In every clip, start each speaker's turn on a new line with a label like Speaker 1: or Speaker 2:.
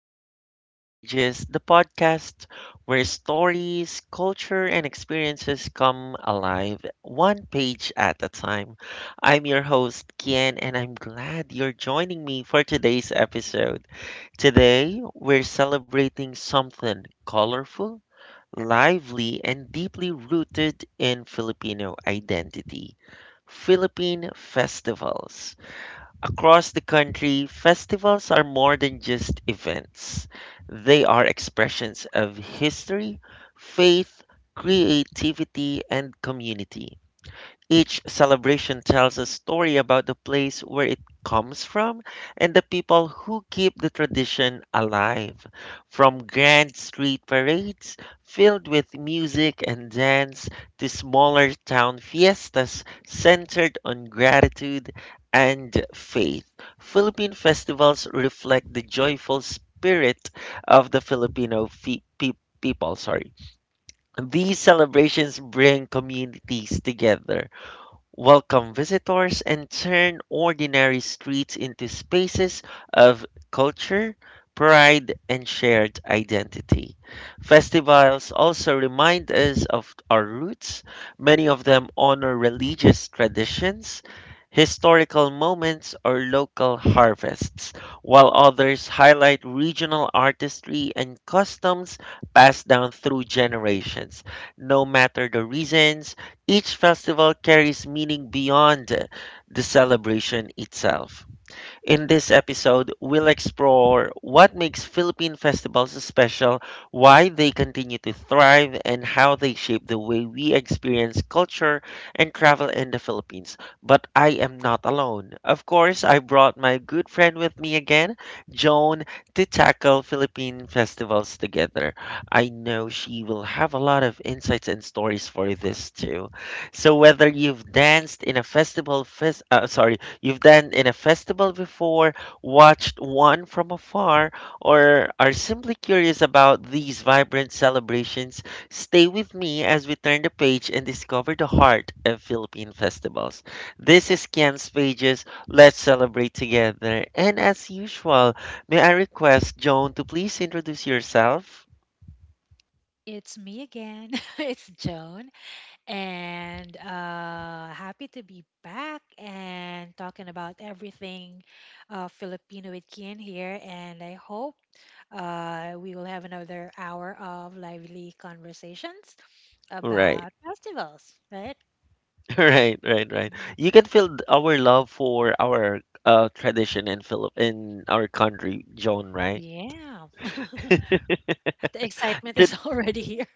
Speaker 1: to Kian's Pages, the podcast where stories, culture, and experiences come alive one page at a time. I'm your host, Kian, and I'm glad you're joining me for today's episode. Today, we're celebrating something colorful, lively, and deeply rooted in Filipino identity: Philippine festivals. Across the country, festivals are more than just events. They are expressions of history, faith, creativity, and community. Each celebration tells a story about the place where it comes from and the people who keep the tradition alive. From grand street parades filled with music and dance to smaller town fiestas centered on gratitude and faith, Philippine festivals reflect the joyful spirit of the Filipino people. Sorry. These celebrations bring communities together, welcome visitors, and turn ordinary streets into spaces of culture, pride, and shared identity. Festivals also remind us of our roots. Many of them honor religious traditions, historical moments, or local harvests, while others highlight regional artistry and customs passed down through generations. No matter the reasons, each festival carries meaning beyond the celebration itself. In this episode, we'll explore what makes Philippine festivals special, why they continue to thrive, and how they shape the way we experience culture and travel in the Philippines. But I am not alone. Of course, I brought my good friend with me again, Joan, to tackle Philippine festivals together. I know she will have a lot of insights and stories for this too. So whether you've danced in a festival, sorry, you've done in a festival before, watched one from afar, or are simply curious about these vibrant celebrations, stay with me as we turn the page and discover the heart of Philippine festivals. This is Ken's Pages. Let's celebrate together. And as usual, may I request Joan to please introduce yourself?
Speaker 2: It's me again. It's Joan. And happy to be back and talking about everything Filipino with Kian here. And I hope we will have another hour of lively conversations
Speaker 1: Right,
Speaker 2: about festivals, right?
Speaker 1: right, right, right.
Speaker 2: Mhm.
Speaker 1: You can feel our love for our tradition in Philip in our country, Joan, right?
Speaker 2: Yeah. The excitement is already here.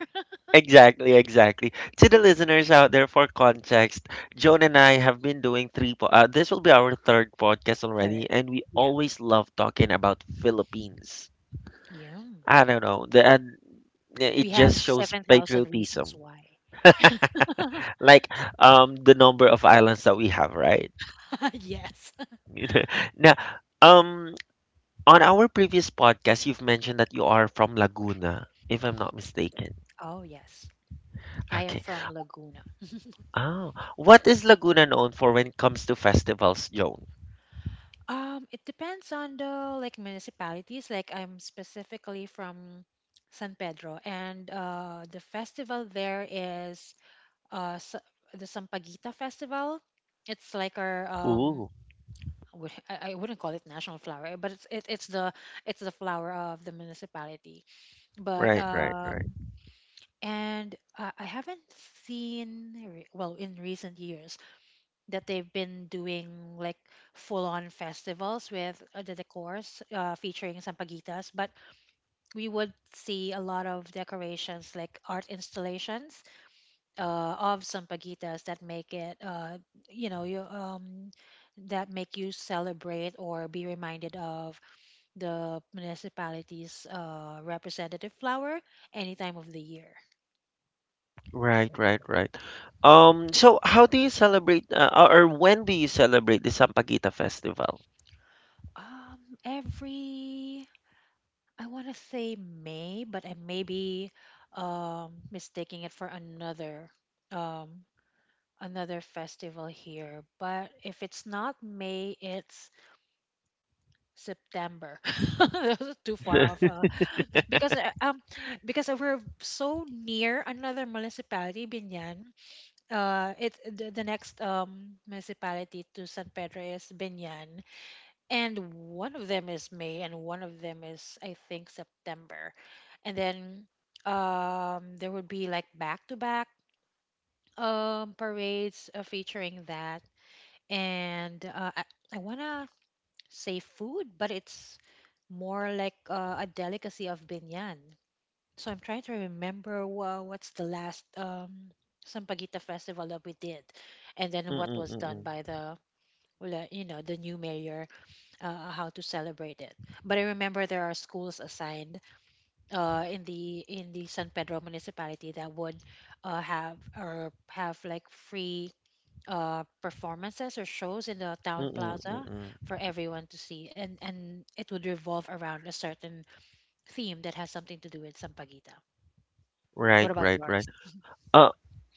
Speaker 1: Exactly, exactly. To the listeners out there, for context, Joan and I have been doing three. This will be our third podcast already,
Speaker 2: Third.
Speaker 1: and we
Speaker 2: Yeah.
Speaker 1: always love talking about Philippines.
Speaker 2: Yeah.
Speaker 1: I don't know, the, and yeah,
Speaker 2: We
Speaker 1: it
Speaker 2: have
Speaker 1: just shows
Speaker 2: 7,000 reasons
Speaker 1: patriotism,
Speaker 2: why.
Speaker 1: like the number of islands that we have, right?
Speaker 2: Yes.
Speaker 1: Now, um, on our previous podcast, you've mentioned that you are from Laguna, if I'm not mistaken.
Speaker 2: Oh, yes. I am
Speaker 1: Okay.
Speaker 2: from Laguna.
Speaker 1: Oh, what is Laguna known for when it comes to festivals, Joan?
Speaker 2: It depends on the like municipalities. Like I'm specifically from San Pedro, and the festival there is uh s- the Sampaguita Festival. It's like our.
Speaker 1: Ooh,
Speaker 2: I wouldn't call it national flower, but it's the flower of the municipality. But
Speaker 1: right, right, right.
Speaker 2: and I haven't well, in recent years, that they've been doing like full on festivals with the decors, featuring sampaguitas, but we would see a lot of decorations like art installations uh, of sampaguitas that make it you know you that make you celebrate or be reminded of the municipality's representative flower any time of the year.
Speaker 1: Right, right, right. So how do you celebrate or when do you celebrate the Sampaguita Festival?
Speaker 2: um every, I want to say May, but I may be mistaking it for another, um, another festival here. But if it's not May, it's September. That's too far off, because uh, um because we're so near another municipality, Binyan. The next municipality to San Pedro is Binyan, and one of them is May, and one of them is, I think, September, and then there would be like back to back parades, featuring that, and I wanna say food, but it's more like a delicacy of Binyan. So I'm trying to remember what's the last Sampaguita festival that we did, and then what
Speaker 1: Mm-mm,
Speaker 2: was done
Speaker 1: mm-mm,
Speaker 2: by the, well, the new mayor, how to celebrate it. But I remember there are schools assigned in the San Pedro municipality that would have, or have like free performances or shows in the town
Speaker 1: mm-mm,
Speaker 2: plaza
Speaker 1: mm-mm.
Speaker 2: for everyone to see, and it would revolve around a certain theme that has something to do with Sampaguita.
Speaker 1: Right,
Speaker 2: What about
Speaker 1: right, right.
Speaker 2: yours?
Speaker 1: Uh,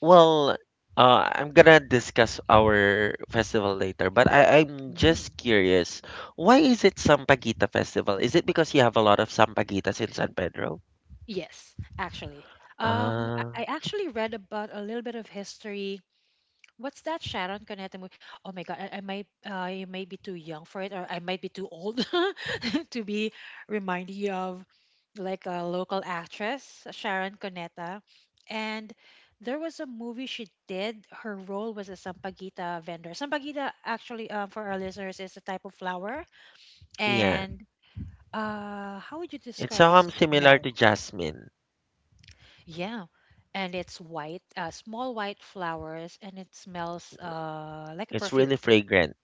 Speaker 1: well, I'm gonna discuss our festival later, but I'm
Speaker 2: hmm
Speaker 1: just curious, why is it Sampaguita Festival? Is it because you have a lot of Sampaguitas in San Pedro?
Speaker 2: Yes, actually. Um,
Speaker 1: Ah,
Speaker 2: I actually read about a little bit of history. What's that Sharon Cuneta movie? Oh my god, I may be too young for it, or I might be too old to be reminded of, like, a local actress, Sharon Cuneta. And there was a movie she did. Her role was a sampaguita vendor. Sampaguita, actually, for our listeners, is a type of flower.
Speaker 1: yeah.
Speaker 2: And how would you
Speaker 1: It's
Speaker 2: describe the
Speaker 1: similar
Speaker 2: smell?
Speaker 1: to jasmine.
Speaker 2: Yeah. And it's white, small white flowers, and it smells, like a
Speaker 1: It's
Speaker 2: perfume.
Speaker 1: really fragrant,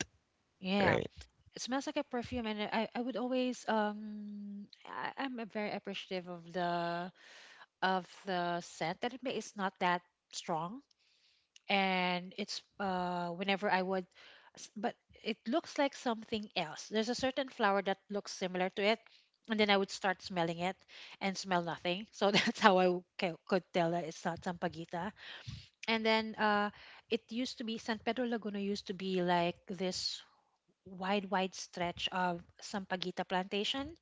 Speaker 2: Yeah,
Speaker 1: right?
Speaker 2: it smells like a perfume, and I would always, I'm a very appreciative of the scent that it may. It's not that strong, and it's whenever I would, but it looks like something else. There's a certain flower that looks similar to it, and then I would start smelling it and smell nothing. So that's how I could tell that it's not sampaguita. And then, it used to be San Pedro Laguna used to be like this wide, wide stretch of Sampaguita plantation.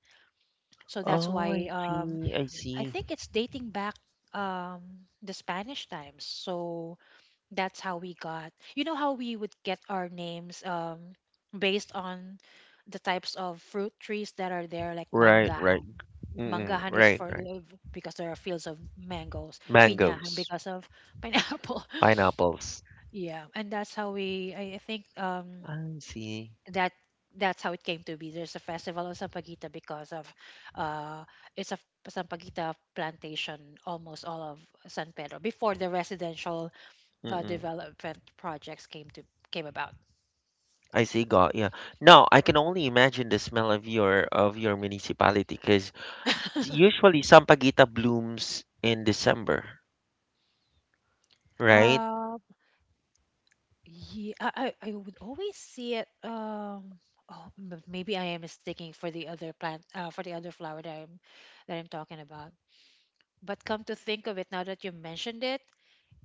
Speaker 2: So that's
Speaker 1: Oh, I
Speaker 2: why,
Speaker 1: see, I
Speaker 2: I
Speaker 1: see.
Speaker 2: think it's dating back, um, the Spanish times. So that's how we got, you know, how we would get our names, based on the types of fruit trees that are there, like
Speaker 1: Right, right.
Speaker 2: mangahan.
Speaker 1: Mm-mm,
Speaker 2: Mangahan is
Speaker 1: right,
Speaker 2: for
Speaker 1: right.
Speaker 2: love because there are fields of mangoes, pinahan
Speaker 1: Mangoes,
Speaker 2: because of pineapple.
Speaker 1: pineapples.
Speaker 2: Yeah, and that's how we, I think.
Speaker 1: I see.
Speaker 2: That that's how it came to be. There's a festival of Sampaguita because of, uh, it's a Sampaguita plantation, almost all of San Pedro before the residential
Speaker 1: Mm-mm.
Speaker 2: development projects came about.
Speaker 1: I see, got, yeah. No, I can only imagine the smell of your municipality, because usually sampaguita blooms in December, right?
Speaker 2: uh, yeah, I would always see it. Oh, maybe I am mistaking for the other plant, for the other flower that I'm talking about. But come to think of it, now that you mentioned it,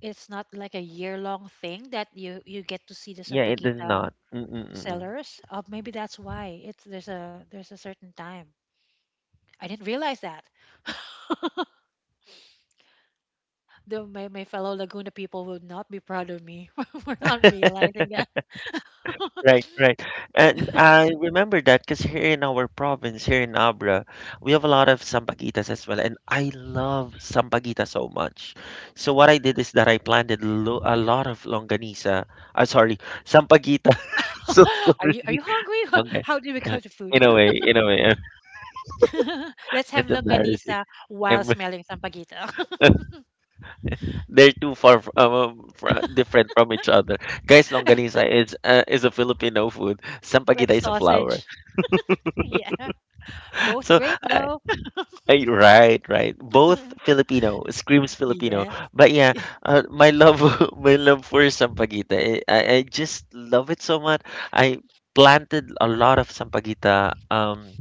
Speaker 2: it's not like a year-long thing that you get to see the
Speaker 1: Yeah, it does
Speaker 2: Sampaguita
Speaker 1: not. Mm-mm-mm.
Speaker 2: sellers. Oh, maybe that's why it's there's a certain time. I didn't realize that. Though my fellow Laguna people would not be proud of me for not realizing that.
Speaker 1: Right, right. And I remember that because here in our province, here in Abra, we have a lot of sampaguitas as well. And I love sampaguita so much. So what I did is that I planted lo a lot of longanisa. Sorry, sampaguita. So
Speaker 2: Are
Speaker 1: sorry.
Speaker 2: you are you hungry?
Speaker 1: Okay.
Speaker 2: How do we come
Speaker 1: Uh,
Speaker 2: to food?
Speaker 1: In a way,
Speaker 2: Let's have
Speaker 1: that's embarrassing.
Speaker 2: longanisa while
Speaker 1: Um,
Speaker 2: smelling Sampaguita,
Speaker 1: they're too far from, different from each other. Guys, longanisa is a Filipino food. Sampaguita
Speaker 2: like
Speaker 1: is a flower.
Speaker 2: sausage. Yeah, both
Speaker 1: So
Speaker 2: great
Speaker 1: uh,
Speaker 2: though.
Speaker 1: Right, right. Both Filipino, screams Filipino.
Speaker 2: Yes.
Speaker 1: But yeah,
Speaker 2: Yeah.
Speaker 1: my love, my love for sampaguita. I just love it so much. I planted a lot of sampaguita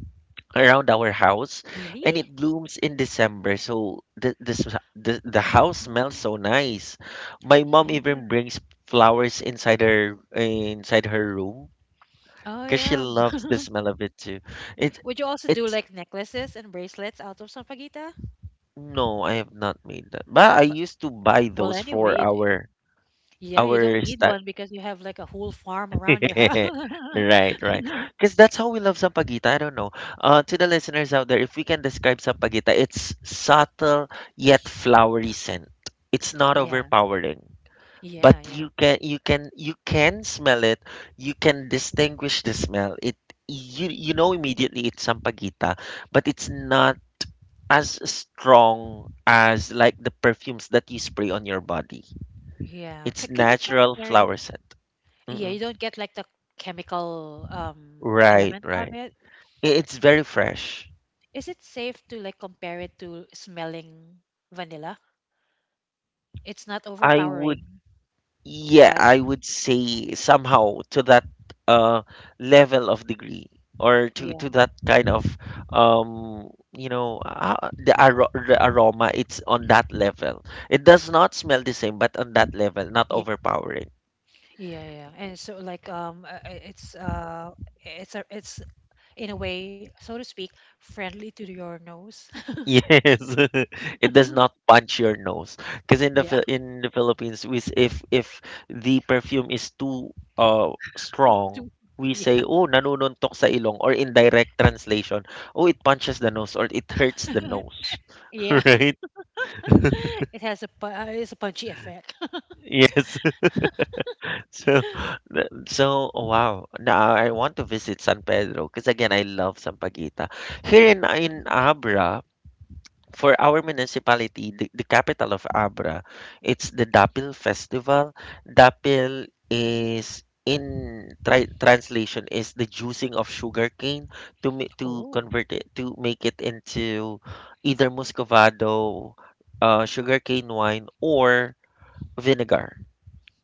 Speaker 1: around our house,
Speaker 2: Really?
Speaker 1: and it blooms in December. So the this the house smells
Speaker 2: Oh,
Speaker 1: so nice. My mom
Speaker 2: yeah.
Speaker 1: even brings flowers inside her room
Speaker 2: Oh
Speaker 1: because she
Speaker 2: yeah.
Speaker 1: loves the smell of it too. It
Speaker 2: Would you also do
Speaker 1: it's
Speaker 2: like necklaces and bracelets out of sampaguita?
Speaker 1: No, I have not made that. But I
Speaker 2: But,
Speaker 1: used to buy
Speaker 2: well,
Speaker 1: those
Speaker 2: anyway,
Speaker 1: for
Speaker 2: yeah, you don't
Speaker 1: our
Speaker 2: need
Speaker 1: sta
Speaker 2: one because you have like a whole farm around your house.
Speaker 1: right, right. Because that's how we love sampaguita. I don't know. To the listeners out there, if we can describe sampaguita, it's subtle yet flowery scent. It's not
Speaker 2: Yeah,
Speaker 1: overpowering, but
Speaker 2: yeah, yeah,
Speaker 1: you can smell it. You can distinguish the smell. It you you know immediately it's sampaguita, but it's not as strong as like the perfumes that you spray on your body.
Speaker 2: yeah. C
Speaker 1: It's
Speaker 2: Can you
Speaker 1: natural
Speaker 2: compare it?
Speaker 1: flower scent.
Speaker 2: Yeah, you
Speaker 1: Mm-mm.
Speaker 2: don't get like the chemical
Speaker 1: Right,
Speaker 2: element of
Speaker 1: right.
Speaker 2: it.
Speaker 1: It's very fresh.
Speaker 2: Is it safe to like compare it to smelling vanilla? It's not
Speaker 1: I would,
Speaker 2: overpowering,
Speaker 1: yeah,
Speaker 2: but
Speaker 1: I would say somehow to that uh level of degree, or to
Speaker 2: yeah,
Speaker 1: that kind of the aroma. It's on that level. It does not smell the same, but on that level, not
Speaker 2: yeah,
Speaker 1: overpowering.
Speaker 2: yeah, yeah. And so, like, it's, in a way, so to speak, friendly to your nose.
Speaker 1: Yes, it does not punch your nose. Because in the
Speaker 2: Yeah.
Speaker 1: In the Philippines, we if the perfume is too
Speaker 2: To,
Speaker 1: strong, we
Speaker 2: yeah.
Speaker 1: say, "Oh, nanununtok sa ilong," or in direct translation, "Oh, it punches the nose," or "It hurts the nose."
Speaker 2: Yeah.
Speaker 1: Right?
Speaker 2: It's a punchy effect.
Speaker 1: Yes. So, wow. Now I want to visit San Pedro because again I love Sampaguita. Here in Abra, for our municipality, the capital of Abra, it's the Dapil Festival. Dapil,
Speaker 2: Mm.
Speaker 1: is in translation, is the juicing of sugarcane to to
Speaker 2: Oh.
Speaker 1: convert it, to make it into either muscovado, sugarcane wine, or vinegar.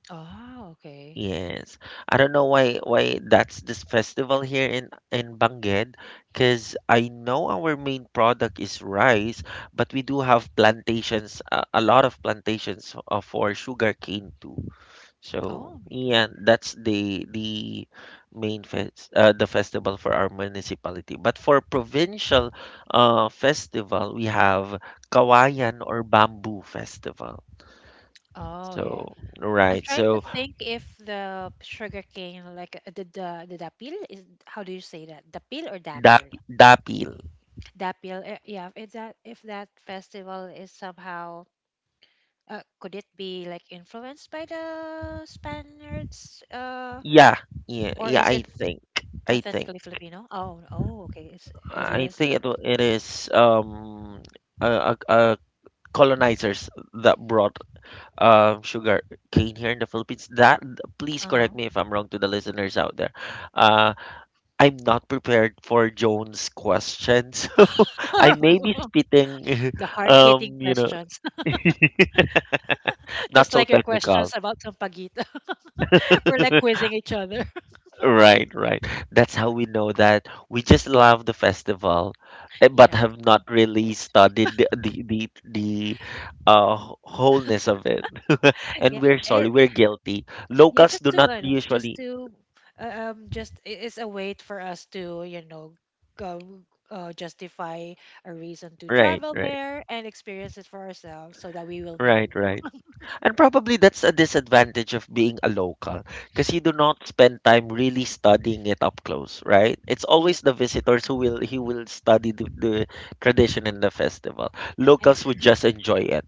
Speaker 2: Ah. Okay.
Speaker 1: Yes. I don't know why that's this festival here in Bangued, because I know our main product is rice, but we do have plantations, a lot of plantations for sugarcane too. So
Speaker 2: Oh, really?
Speaker 1: yeah, that's the festival for our municipality. But for provincial festival, we have Kawayan or Bamboo Festival.
Speaker 2: Oh, yeah.
Speaker 1: So
Speaker 2: I'm
Speaker 1: right,
Speaker 2: trying to
Speaker 1: so
Speaker 2: think if the sugarcane, like, the dapil is, how do you say that? Dapil or dapil?
Speaker 1: Dap Dapil.
Speaker 2: Dapil. Yeah. If that festival is somehow, could it be like influenced by the Spaniards? Uh,
Speaker 1: Yeah,
Speaker 2: or
Speaker 1: yeah.
Speaker 2: is it
Speaker 1: I think,
Speaker 2: authentically Filipino? Oh, oh, okay. It
Speaker 1: I
Speaker 2: is.
Speaker 1: think it it is uh, uh, uh, colonizers that brought sugar cane here in the Philippines. That Please correct
Speaker 2: Uh-huh.
Speaker 1: me if I'm wrong to the listeners out there. Uh, I'm not prepared for Jones' question, so I may be spitting,
Speaker 2: The hard-hitting
Speaker 1: you know,
Speaker 2: questions.
Speaker 1: not
Speaker 2: Just
Speaker 1: so
Speaker 2: like your questions
Speaker 1: technical.
Speaker 2: about Sampaguita. We're like quizzing each other.
Speaker 1: Right, right. That's how we know that we just love the festival, but
Speaker 2: Yeah.
Speaker 1: have not really studied wholeness of it.
Speaker 2: Yeah.
Speaker 1: And we're sorry,
Speaker 2: It,
Speaker 1: we're guilty.
Speaker 2: yeah,
Speaker 1: Locals
Speaker 2: just
Speaker 1: do
Speaker 2: to,
Speaker 1: not
Speaker 2: no, just
Speaker 1: usually.
Speaker 2: to, it's a way for us to, you know, go, justify a reason to
Speaker 1: Right,
Speaker 2: travel
Speaker 1: right,
Speaker 2: there and experience it for ourselves so that we will know.
Speaker 1: right, right. And probably that's a disadvantage of being a local, because you do not spend time really studying it up close, right? It's
Speaker 2: Yeah.
Speaker 1: always the visitors who will study the tradition and the festival.
Speaker 2: And-
Speaker 1: Locals would just enjoy it.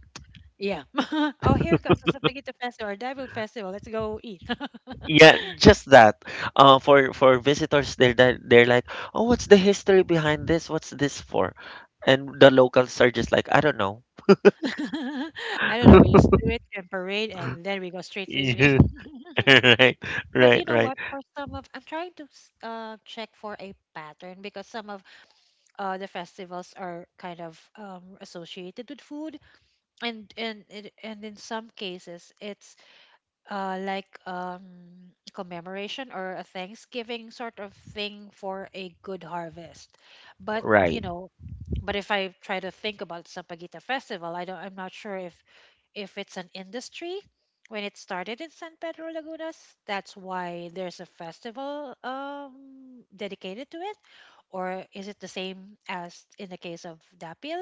Speaker 2: Yeah. Oh, here comes the Sampaguita Festival, Dabu Festival. Let's go eat.
Speaker 1: Yeah, just that. For visitors, they're they're like, oh, what's the history behind this? What's this for? And the locals are just like, I don't know.
Speaker 2: I don't know. We just do it and parade, and then we go straight to
Speaker 1: Yeah,
Speaker 2: eating.
Speaker 1: right,
Speaker 2: But you
Speaker 1: right,
Speaker 2: know
Speaker 1: right,
Speaker 2: what? I'm trying to check for a pattern because some of, the festivals are kind of, associated with food, and in some cases, it's, like, commemoration or a Thanksgiving sort of thing for a good harvest. But you
Speaker 1: right.
Speaker 2: know, but if I try to think about Sampaguita Festival, I don't. I'm not sure if it's an industry when it started in San Pedro Lagunas. That's why there's a festival, dedicated to it. Or is it the same as in the case of Dapil?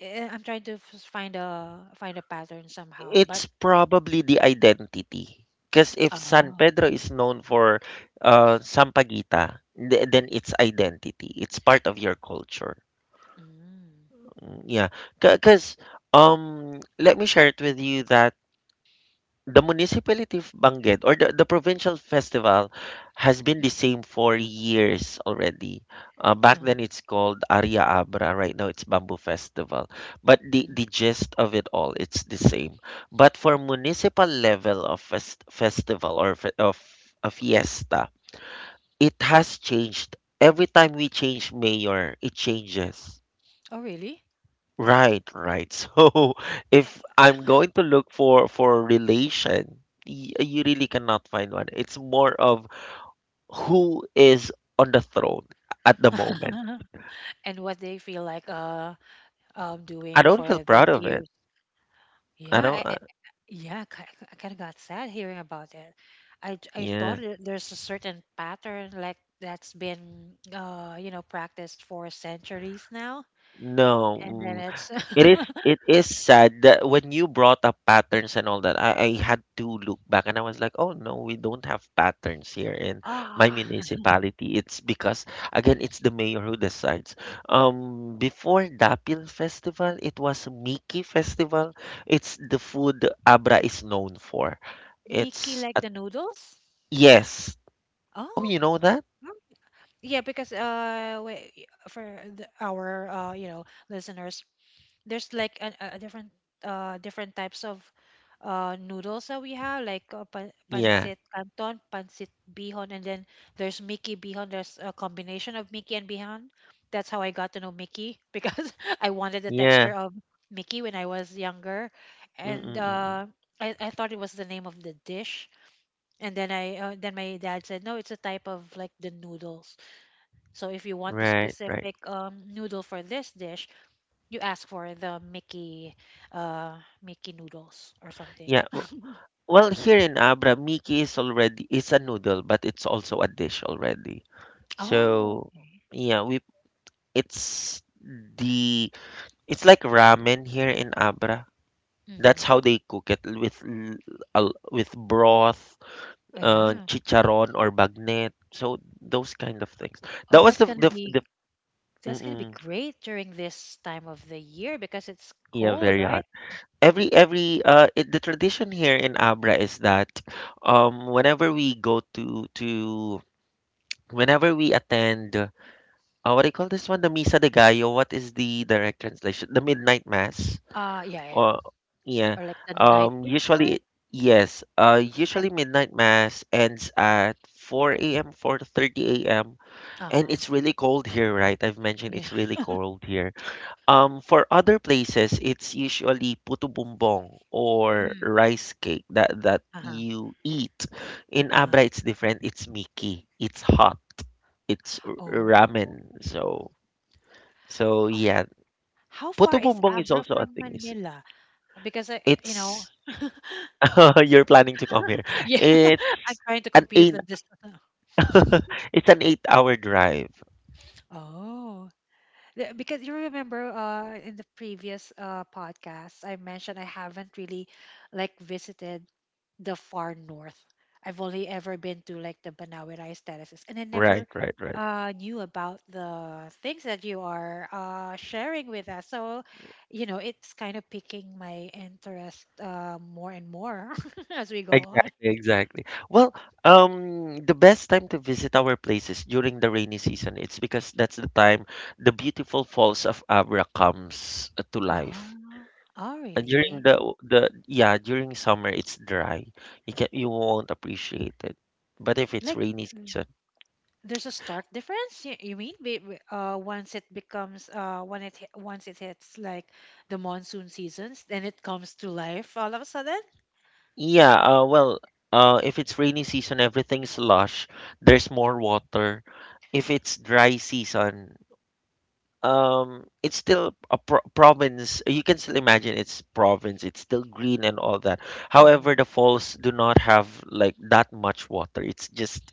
Speaker 2: I'm trying to find a pattern somehow, but
Speaker 1: It's probably the identity. Because if San
Speaker 2: oh.
Speaker 1: Pedro is known for Sampaguita, then it's identity. It's part of your culture.
Speaker 2: Mm.
Speaker 1: Yeah, because let me share it with you that the municipality of Benguet, or the provincial festival, has been
Speaker 2: Mm.
Speaker 1: the same for years already. Back
Speaker 2: Uh,
Speaker 1: then it's called Aria Abra. Right now it's Bamboo Festival. But
Speaker 2: mm.
Speaker 1: the gist of it all, it's the same. But for municipal level of festival, of a fiesta, it has changed. Every time we change mayor, it changes.
Speaker 2: Oh, really?
Speaker 1: Right, right. So if I'm going to look for relation, you really cannot find one. It's more of who is on the throne at the moment.
Speaker 2: Uh-huh. And what they feel like doing
Speaker 1: I don't feel
Speaker 2: for this
Speaker 1: proud of
Speaker 2: year?
Speaker 1: it.
Speaker 2: Yeah,
Speaker 1: I don't.
Speaker 2: yeah. I kind of got sad hearing about it. I thought
Speaker 1: Yeah.
Speaker 2: that there's a certain pattern, like that's been practiced for centuries now,
Speaker 1: No.
Speaker 2: and then
Speaker 1: Mm.
Speaker 2: it's
Speaker 1: It is sad that when you brought up patterns and all that, I had to look back and I was like, oh no, we don't have patterns here in my
Speaker 2: ah.
Speaker 1: municipality. It's because again, it's the mayor who decides. Before Dapil Festival, it was Miki Festival. It's the food Abra is known for.
Speaker 2: Mickey
Speaker 1: It's
Speaker 2: like
Speaker 1: a,
Speaker 2: the noodles.
Speaker 1: yes. Oh,
Speaker 2: Oh,
Speaker 1: you know that?
Speaker 2: oh, yeah, because, wait, for the, our listeners, there's like a different types of noodles that we have, like,
Speaker 1: Yeah,
Speaker 2: pancit canton, pancit bihon, and then there's mickey bihon, there's a combination of mickey and bihon. That's how I got to know mickey because I wanted the
Speaker 1: yeah.
Speaker 2: texture of mickey when I was younger, and
Speaker 1: Mm-mm-mm.
Speaker 2: I thought it was the name of the dish, and then my dad said, no, it's a type of, like, the noodles, so if you want the
Speaker 1: Right, right.
Speaker 2: specific, noodle for this dish, you ask for the Mickey, Mickey noodles or something.
Speaker 1: Yeah, well, here in Abra, Miki is a noodle, but it's also a dish already.
Speaker 2: Oh.
Speaker 1: So yeah, we it's the it's like ramen here in Abra. That's
Speaker 2: Mm-hmm.
Speaker 1: how they cook it, with broth,
Speaker 2: Yeah.
Speaker 1: chicharon or bagnet. So those kind of things.
Speaker 2: Oh,
Speaker 1: That was the
Speaker 2: that's gonna be
Speaker 1: Mm-mm,
Speaker 2: great during this time of the year because it's
Speaker 1: yeah,
Speaker 2: cold,
Speaker 1: very
Speaker 2: right?
Speaker 1: hot. The tradition here in Abra is that whenever we go to whenever we attend, what do you call this one? The Misa de Gallo. What is the direct translation? The midnight mass.
Speaker 2: Yeah, yeah.
Speaker 1: Or yeah.
Speaker 2: Or, like, the night before.
Speaker 1: Usually, yes.
Speaker 2: Like,
Speaker 1: Usually, midnight mass ends at 4 a.m., 4:30 a.m. And
Speaker 2: uh-huh.
Speaker 1: it's really cold here, right? I've mentioned
Speaker 2: Yeah.
Speaker 1: it's really cold here. For other places, it's usually puto bumbong or
Speaker 2: Mm,
Speaker 1: rice cake that
Speaker 2: uh-huh.
Speaker 1: you eat. In
Speaker 2: Uh-huh.
Speaker 1: Abra, it's different. It's miki. It's hot. It's
Speaker 2: Oh.
Speaker 1: ramen. So
Speaker 2: Oh.
Speaker 1: yeah,
Speaker 2: How far
Speaker 1: Puto
Speaker 2: is
Speaker 1: Bumbong is
Speaker 2: Abra
Speaker 1: also a
Speaker 2: from
Speaker 1: thing. It's,
Speaker 2: Manila? Because I, you know,
Speaker 1: it's you're planning to come here.
Speaker 2: yeah, I'm
Speaker 1: It's
Speaker 2: trying to
Speaker 1: an
Speaker 2: compute
Speaker 1: eight
Speaker 2: the distance.
Speaker 1: it's an 8 hour drive.
Speaker 2: Oh. Because you remember, in the previous, podcast, I mentioned I haven't really, like, visited the far north. I've only ever been to, like, the Banawi rice terraces, and I
Speaker 1: Right,
Speaker 2: never,
Speaker 1: right, right.
Speaker 2: knew about the things that you are, sharing with us, so, you know, it's kind of piquing my interest, more and more as we go on.
Speaker 1: Exactly, exactly. Well, the best time to visit our place is during the rainy season. It's because that's the time the beautiful falls of Abra comes to life.
Speaker 2: Ah. Oh,
Speaker 1: And during
Speaker 2: really?
Speaker 1: during summer it's dry. You won't appreciate it. But if it's
Speaker 2: Like,
Speaker 1: rainy season.
Speaker 2: there's a stark difference. You mean, once it becomes, once it hits, like, the monsoon seasons, then it comes to life all of a sudden.
Speaker 1: Yeah, if it's rainy season, everything's lush. There's more water. If it's dry season, it's still a province. You can still imagine it's province. It's still green and all that. However,
Speaker 2: Hmm.
Speaker 1: the falls do not have like that much water. It's just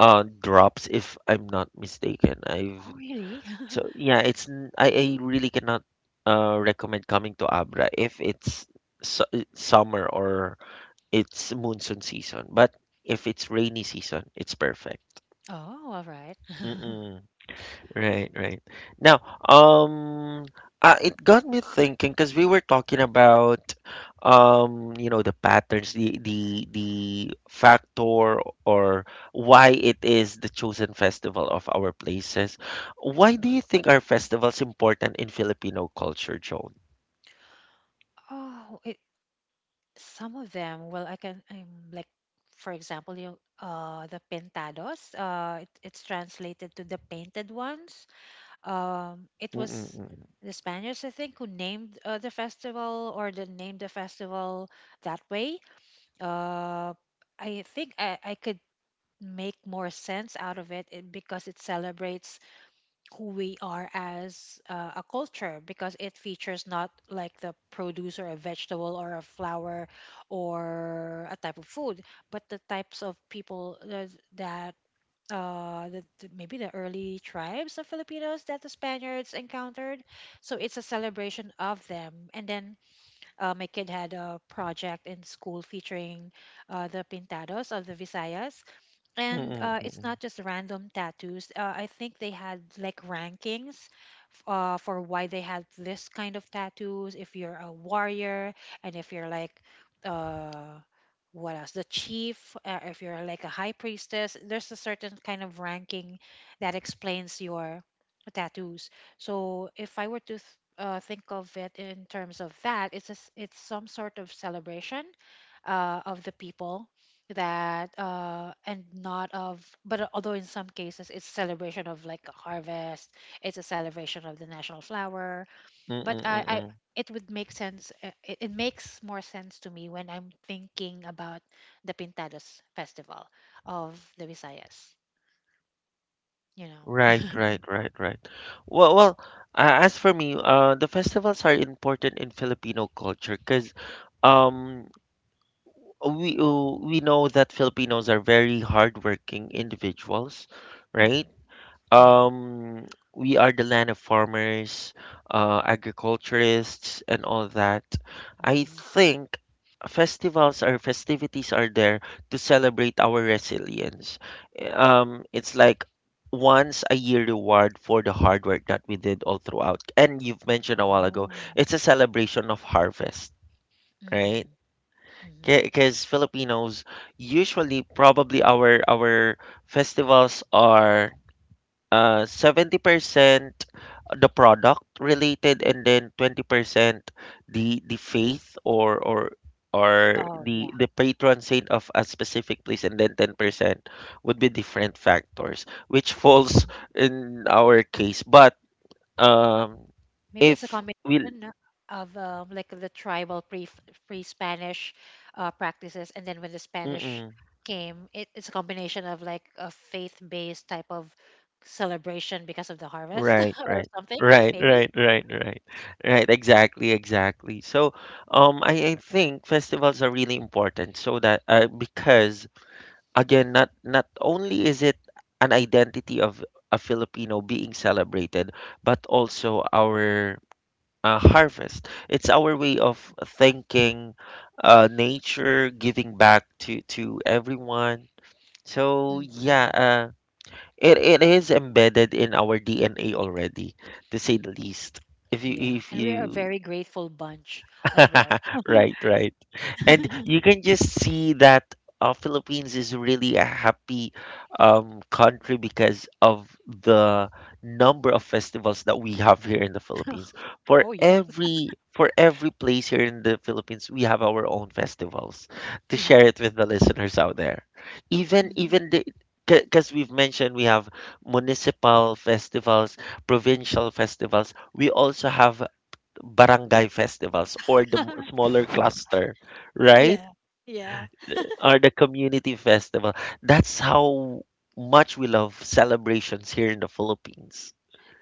Speaker 1: drops, if I'm not mistaken. I've
Speaker 2: Oh, really?
Speaker 1: so yeah, I really cannot recommend coming to Abra if it's su summer or it's monsoon season, but if it's rainy season, it's perfect.
Speaker 2: Oh, all right.
Speaker 1: Mm-mm. Right, right. Now, um, it got me thinking because we were talking about, the patterns, the factor or why it is the chosen festival of our places. Why do
Speaker 2: Mhm.
Speaker 1: you think our festivals important in Filipino culture, Joan?
Speaker 2: Oh, some of them. Well, I can like, for example, you the pintados. It's translated to the painted ones. It was
Speaker 1: Mm-mm-mm.
Speaker 2: the Spaniards, I think, who named the festival, or the named the festival that way. Uh, I think I could make more sense out of it because it celebrates who we are as a culture, because it features not like the produce or a vegetable or a flower or a type of food, but the types of people that maybe the early tribes of Filipinos that the Spaniards encountered. So it's a celebration of them. And then my kid had a project in school featuring the Pintados of the Visayas, and it's not just random tattoos. I think they had like rankings for why they had this kind of tattoos. If you're a warrior, and if you're like, uh, what else? The chief. If you're like a high priestess, there's a certain kind of ranking that explains your tattoos. So if I were to think of it in terms of that, it's a s it's some sort of celebration of the people that and not of but although in some cases it's celebration of like a harvest, it's a celebration of the national flower. But i i
Speaker 1: Mm-mm-mm.
Speaker 2: it would make sense, it makes more sense to me when I'm thinking about the pintadas festival of the Visayas, you know
Speaker 1: Right, right, right, right. Well, well, as for me, the festivals are important in Filipino culture because um, we know that Filipinos are very hardworking individuals,
Speaker 2: hmm,
Speaker 1: right?
Speaker 2: yeah,
Speaker 1: Um, we are the land of farmers, agriculturists, and all that. I
Speaker 2: hmm,
Speaker 1: think festivals or festivities are there to celebrate our resilience. It's like once a year reward for the hard work that we did all throughout. And you've mentioned a while ago,
Speaker 2: oh,
Speaker 1: it's a celebration of harvest, right?
Speaker 2: hmm, hmm,
Speaker 1: Because Filipinos usually probably our festivals are 70% the product related and then 20% the faith or or or
Speaker 2: oh
Speaker 1: the
Speaker 2: yeah.
Speaker 1: the patron saint of a specific place and then 10% would be different factors which falls in our case but um
Speaker 2: Maybe it's a
Speaker 1: if we'll
Speaker 2: combination of like the tribal pre- Spanish practices, and then when the Spanish
Speaker 1: mm-mm,
Speaker 2: came, it's a combination of like a faith based type of celebration because of the harvest
Speaker 1: right
Speaker 2: or
Speaker 1: right.
Speaker 2: something,
Speaker 1: Right,
Speaker 2: maybe.
Speaker 1: right, right, right, right. Exactly, exactly. So, I think festivals are really important so that because again not only is it an identity of a Filipino being celebrated but also our harvest it's our way of thanking nature giving back to everyone so yeah
Speaker 2: Mhm.
Speaker 1: it, it is embedded in our DNA already to say the least if you
Speaker 2: Yeah,
Speaker 1: if
Speaker 2: and we are a
Speaker 1: you
Speaker 2: very grateful bunch as well.
Speaker 1: right right and you can just see that Philippines is really a happy country because of the number of festivals that we have here in the Philippines. For
Speaker 2: Oh yeah.
Speaker 1: every for every place here in the Philippines, we have our own festivals. To
Speaker 2: Yeah.
Speaker 1: share it with the listeners out there, even
Speaker 2: Mhm.
Speaker 1: even the because we've mentioned we have municipal festivals, provincial festivals. We also have barangay festivals or the smaller cluster, right?
Speaker 2: Yeah. Yeah.
Speaker 1: Or the community festival. That's how much we love celebrations here in the Philippines.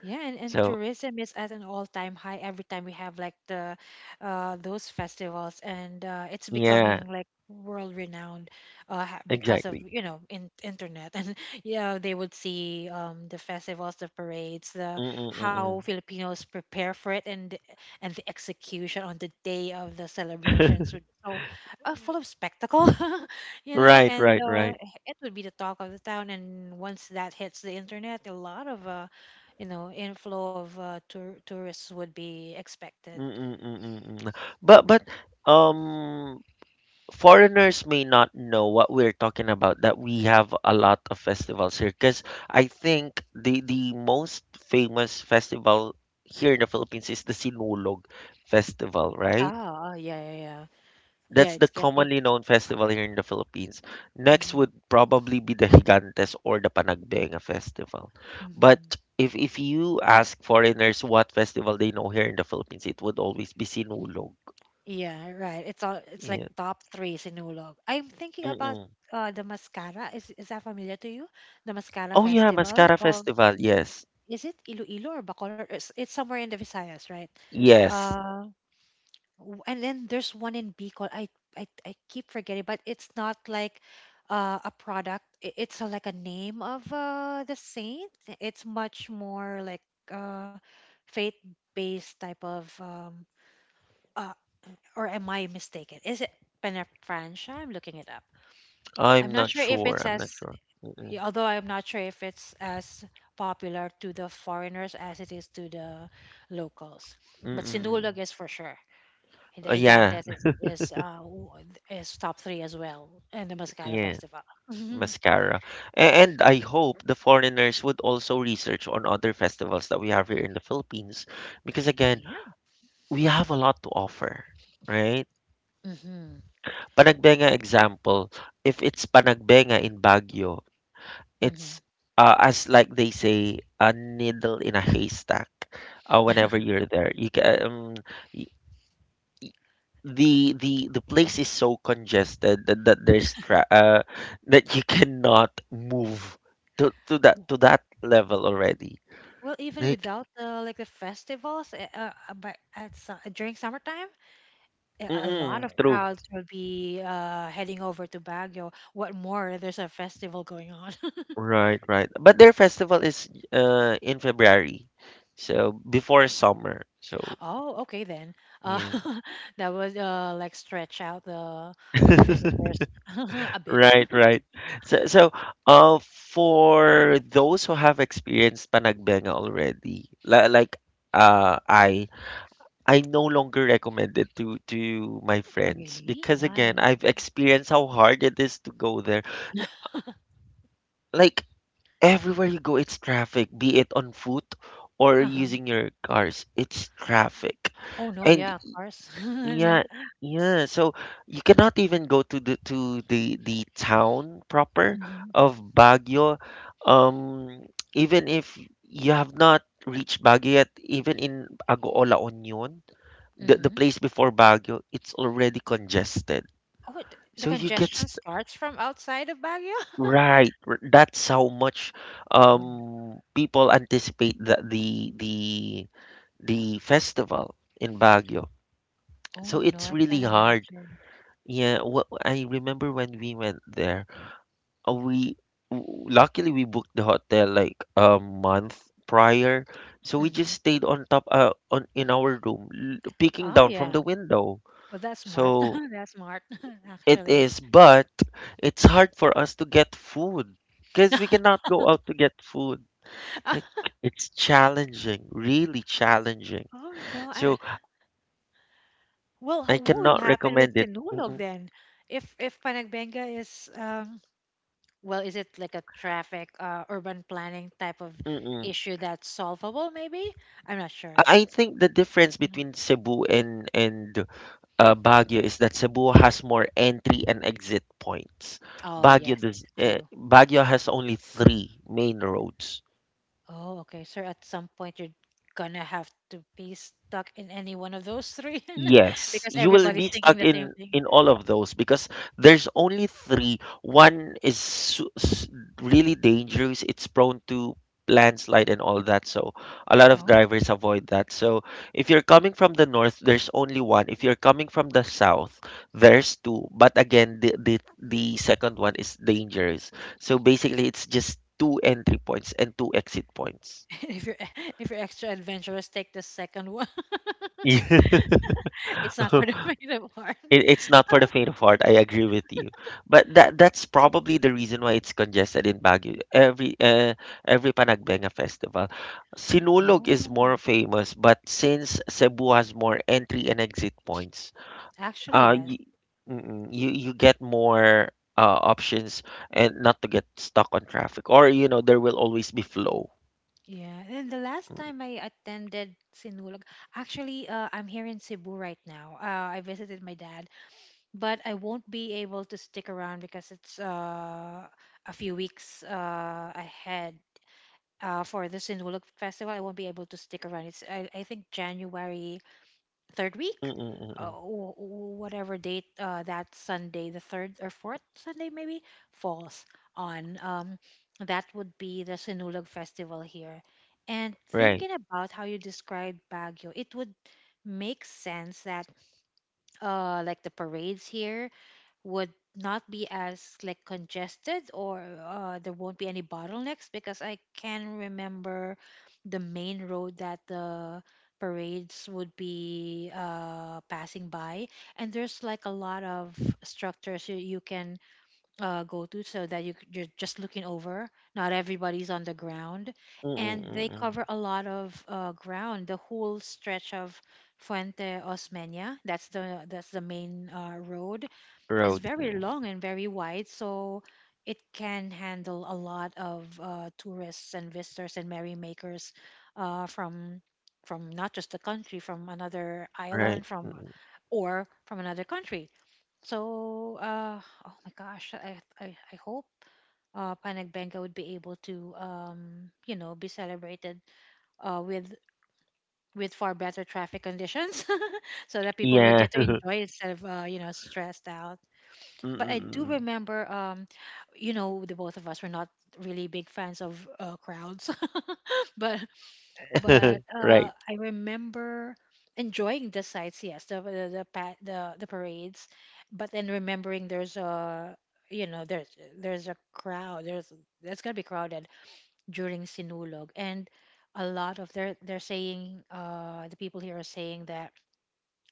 Speaker 2: Yeah, and
Speaker 1: So,
Speaker 2: tourism is at an all-time high every time we have like the those festivals, and it's
Speaker 1: yeah,
Speaker 2: becoming like world renowned because of,
Speaker 1: exactly.
Speaker 2: you know, in internet and yeah, they would see the festivals, the parades, the how
Speaker 1: Mm-mm-mm-mm.
Speaker 2: Filipinos prepare for it, and and the execution on the day of the celebrations would so full of spectacle. You know,
Speaker 1: Right,
Speaker 2: and
Speaker 1: right,
Speaker 2: uh,
Speaker 1: right.
Speaker 2: it would be the talk of the town, and once that hits the internet, a lot of inflow of tourists would be expected.
Speaker 1: Mm-mm-mm-mm. But um foreigners may not know what we're talking about that we have a lot of festivals here because I think the most famous festival here in the Philippines is the Sinulog festival, right?
Speaker 2: Ah, ah, yeah, yeah, yeah.
Speaker 1: That's
Speaker 2: Yeah,
Speaker 1: the
Speaker 2: it's getting.
Speaker 1: commonly known festival here in the Philippines. Next would
Speaker 2: Hmm.
Speaker 1: probably be the Higantes or the Panagbenga festival. But
Speaker 2: Hmm.
Speaker 1: if you ask foreigners what festival they know here in the Philippines, it would always be Sinulog.
Speaker 2: Yeah, right. It's all. It's like
Speaker 1: Yeah.
Speaker 2: top three Sinulog. I'm thinking about
Speaker 1: Mm-mm.
Speaker 2: the Mascara. Is that familiar to you? The Mascara
Speaker 1: Oh yeah,
Speaker 2: Festival
Speaker 1: Mascara
Speaker 2: of,
Speaker 1: Festival. Yes.
Speaker 2: is it Iloilo or Bacolod? It's somewhere in the Visayas, right?
Speaker 1: Yes,
Speaker 2: Uh, And then there's one in Bicol. I keep forgetting, but it's not like a product. It's a, like a name of the saint. It's much more like uh, faith-based type of. Uh, or am I mistaken? Is it Penafrancia? I'm looking it up.
Speaker 1: I'm
Speaker 2: I'm not
Speaker 1: not
Speaker 2: sure if
Speaker 1: sure.
Speaker 2: it's
Speaker 1: I'm not
Speaker 2: as,
Speaker 1: sure. Mm-mm.
Speaker 2: yeah, although I'm not sure if it's as popular to the foreigners as it is to the locals. But Sinulog is
Speaker 1: Mm-mm.
Speaker 2: for sure. And the
Speaker 1: Yeah,
Speaker 2: Gigantes is top three as well, and the Mascara
Speaker 1: yeah,
Speaker 2: Festival. Mhm.
Speaker 1: mascara. And I hope the foreigners would also research on other festivals that we have here in the Philippines because again,
Speaker 2: Yeah.
Speaker 1: we have a lot to offer, right?
Speaker 2: Mm-hmm.
Speaker 1: Panagbenga example, if it's Panagbenga in Baguio,
Speaker 2: Mm-hmm.
Speaker 1: it's as like they say, a needle in a haystack. Whenever you're there, you can, the the place is so congested that, that there's that you cannot move to that to that level already.
Speaker 2: Well, even
Speaker 1: Like,
Speaker 2: without the like the festivals, during summertime, a lot
Speaker 1: mm-mm,
Speaker 2: of
Speaker 1: true.
Speaker 2: crowds will be heading over to Baguio. What more? There's a festival going on.
Speaker 1: Right, right. But their festival is in February, so before summer. So
Speaker 2: Oh, okay then. Uh,
Speaker 1: yeah.
Speaker 2: that would like stretch out the visitors a bit.
Speaker 1: Right, right. So, for those who have experienced Panagbenga already, uh, I I no longer recommend it to my
Speaker 2: Oh,
Speaker 1: friends
Speaker 2: really?
Speaker 1: because again,
Speaker 2: Why?
Speaker 1: I've experienced how hard it is to go there. Like everywhere you go, it's traffic, be it on foot or
Speaker 2: Uh-huh.
Speaker 1: using your cars, it's traffic.
Speaker 2: Oh no,
Speaker 1: And
Speaker 2: yeah, cars.
Speaker 1: yeah, yeah, so you cannot even go to the town proper
Speaker 2: Hmm.
Speaker 1: of Baguio. Um, even if you have not reached Baguio yet, even in Agoa La Union the
Speaker 2: Hmm.
Speaker 1: place before Baguio, it's already congested.
Speaker 2: Oh, the
Speaker 1: So
Speaker 2: congestion starts from outside of Baguio.
Speaker 1: right. That's how much
Speaker 2: Oh, n-
Speaker 1: people anticipate that the festival in Baguio.
Speaker 2: oh
Speaker 1: So
Speaker 2: no,
Speaker 1: it's
Speaker 2: I
Speaker 1: really
Speaker 2: can
Speaker 1: hard.
Speaker 2: imagine.
Speaker 1: Yeah, I remember when we went there, uh, we luckily we booked the hotel like a month prior. So we just
Speaker 2: Hmm.
Speaker 1: stayed on top on in our room, peeking
Speaker 2: Oh
Speaker 1: down from
Speaker 2: yeah,
Speaker 1: the window.
Speaker 2: well, that's smart.
Speaker 1: So
Speaker 2: That's smart,
Speaker 1: it
Speaker 2: actually.
Speaker 1: is, but it's hard for us to get food because we cannot go out to get food. Like it's challenging, really challenging.
Speaker 2: Oh no, I
Speaker 1: So
Speaker 2: Well,
Speaker 1: I
Speaker 2: what will
Speaker 1: cannot
Speaker 2: happen
Speaker 1: recommend
Speaker 2: with
Speaker 1: it.
Speaker 2: Tinulog
Speaker 1: Mm-mm,
Speaker 2: then? If Panagbenga is well, is it like a traffic urban planning type of
Speaker 1: mm-mm.
Speaker 2: issue that's solvable? Maybe I'm not sure.
Speaker 1: I think the difference
Speaker 2: Mhm.
Speaker 1: between Cebu and Baguio is that Cebu has more entry and exit points.
Speaker 2: Oh
Speaker 1: Baguio
Speaker 2: yes,
Speaker 1: does.
Speaker 2: true.
Speaker 1: Baguio has only three main roads.
Speaker 2: Oh, okay. So at some point you're gonna have to be stuck in any one of those three
Speaker 1: Yes,
Speaker 2: because
Speaker 1: you will
Speaker 2: everybody's
Speaker 1: be
Speaker 2: thinking
Speaker 1: stuck
Speaker 2: the same
Speaker 1: in
Speaker 2: thing.
Speaker 1: all of those because there's only three. One is su s really dangerous. It's prone to landslide and all that. So a lot of
Speaker 2: Oh,
Speaker 1: drivers avoid that. So if you're coming from the north, there's only one. If you're coming from the south, there's two. But again, the second one is dangerous. So basically, it's just two entry points and two exit points.
Speaker 2: if you're extra adventurous, take the second one. It's not
Speaker 1: Yeah.
Speaker 2: for the faint of heart.
Speaker 1: It's not for the faint of heart. I agree with you, but that's probably the reason why it's congested in Baguio. Every Panagbenga festival, Sinulog is
Speaker 2: Oh,
Speaker 1: more famous, but since Cebu has more entry and exit points,
Speaker 2: actually,
Speaker 1: uh, you
Speaker 2: yes.
Speaker 1: you, you get more options and not to get stuck on traffic, or you know there will always be flow.
Speaker 2: Yeah, and the last time I attended Sinulog, actually, I'm here in Cebu right now. I visited my dad, but I won't be able to stick around because it's a few weeks ahead for the Sinulog Festival. I won't be able to stick around. I think January third week,
Speaker 1: Mm-mm-mm.
Speaker 2: whatever date that Sunday, the third or fourth Sunday maybe falls on. That would be the Sinulog Festival here. And
Speaker 1: Right.
Speaker 2: thinking about how you described Baguio, it would make sense that like the parades here would not be as like congested, or there won't be any bottlenecks, because I can remember the main road that the parades would be passing by, and there's like a lot of structures you can go to, so that you're just looking over, not everybody's on the ground, and they
Speaker 1: Mm-mm-mm.
Speaker 2: cover a lot of ground. The whole stretch of Fuente Osmeña, that's the main road, is
Speaker 1: Road.
Speaker 2: very
Speaker 1: Mm.
Speaker 2: long and very wide, so it can handle a lot of tourists and visitors and merrymakers from not just the country, from another
Speaker 1: Right.
Speaker 2: island,
Speaker 1: Mm.
Speaker 2: from
Speaker 1: mm.
Speaker 2: or from another country. So, oh my gosh, I hope Panag Benga would be able to, you know, be celebrated uh, with with far better traffic conditions, so that people will
Speaker 1: Yeah.
Speaker 2: get to enjoy it instead of, you know, stressed out. But I do
Speaker 1: Mm-mm-mm.
Speaker 2: remember, you know, the both of us were not really big fans of crowds, but
Speaker 1: Right.
Speaker 2: I remember enjoying the sights, yes, the the parades, but then remembering there's a you know, there's a crowd, there's that's gonna be crowded during Sinulog, and a lot of they're saying, uh, the people here are saying that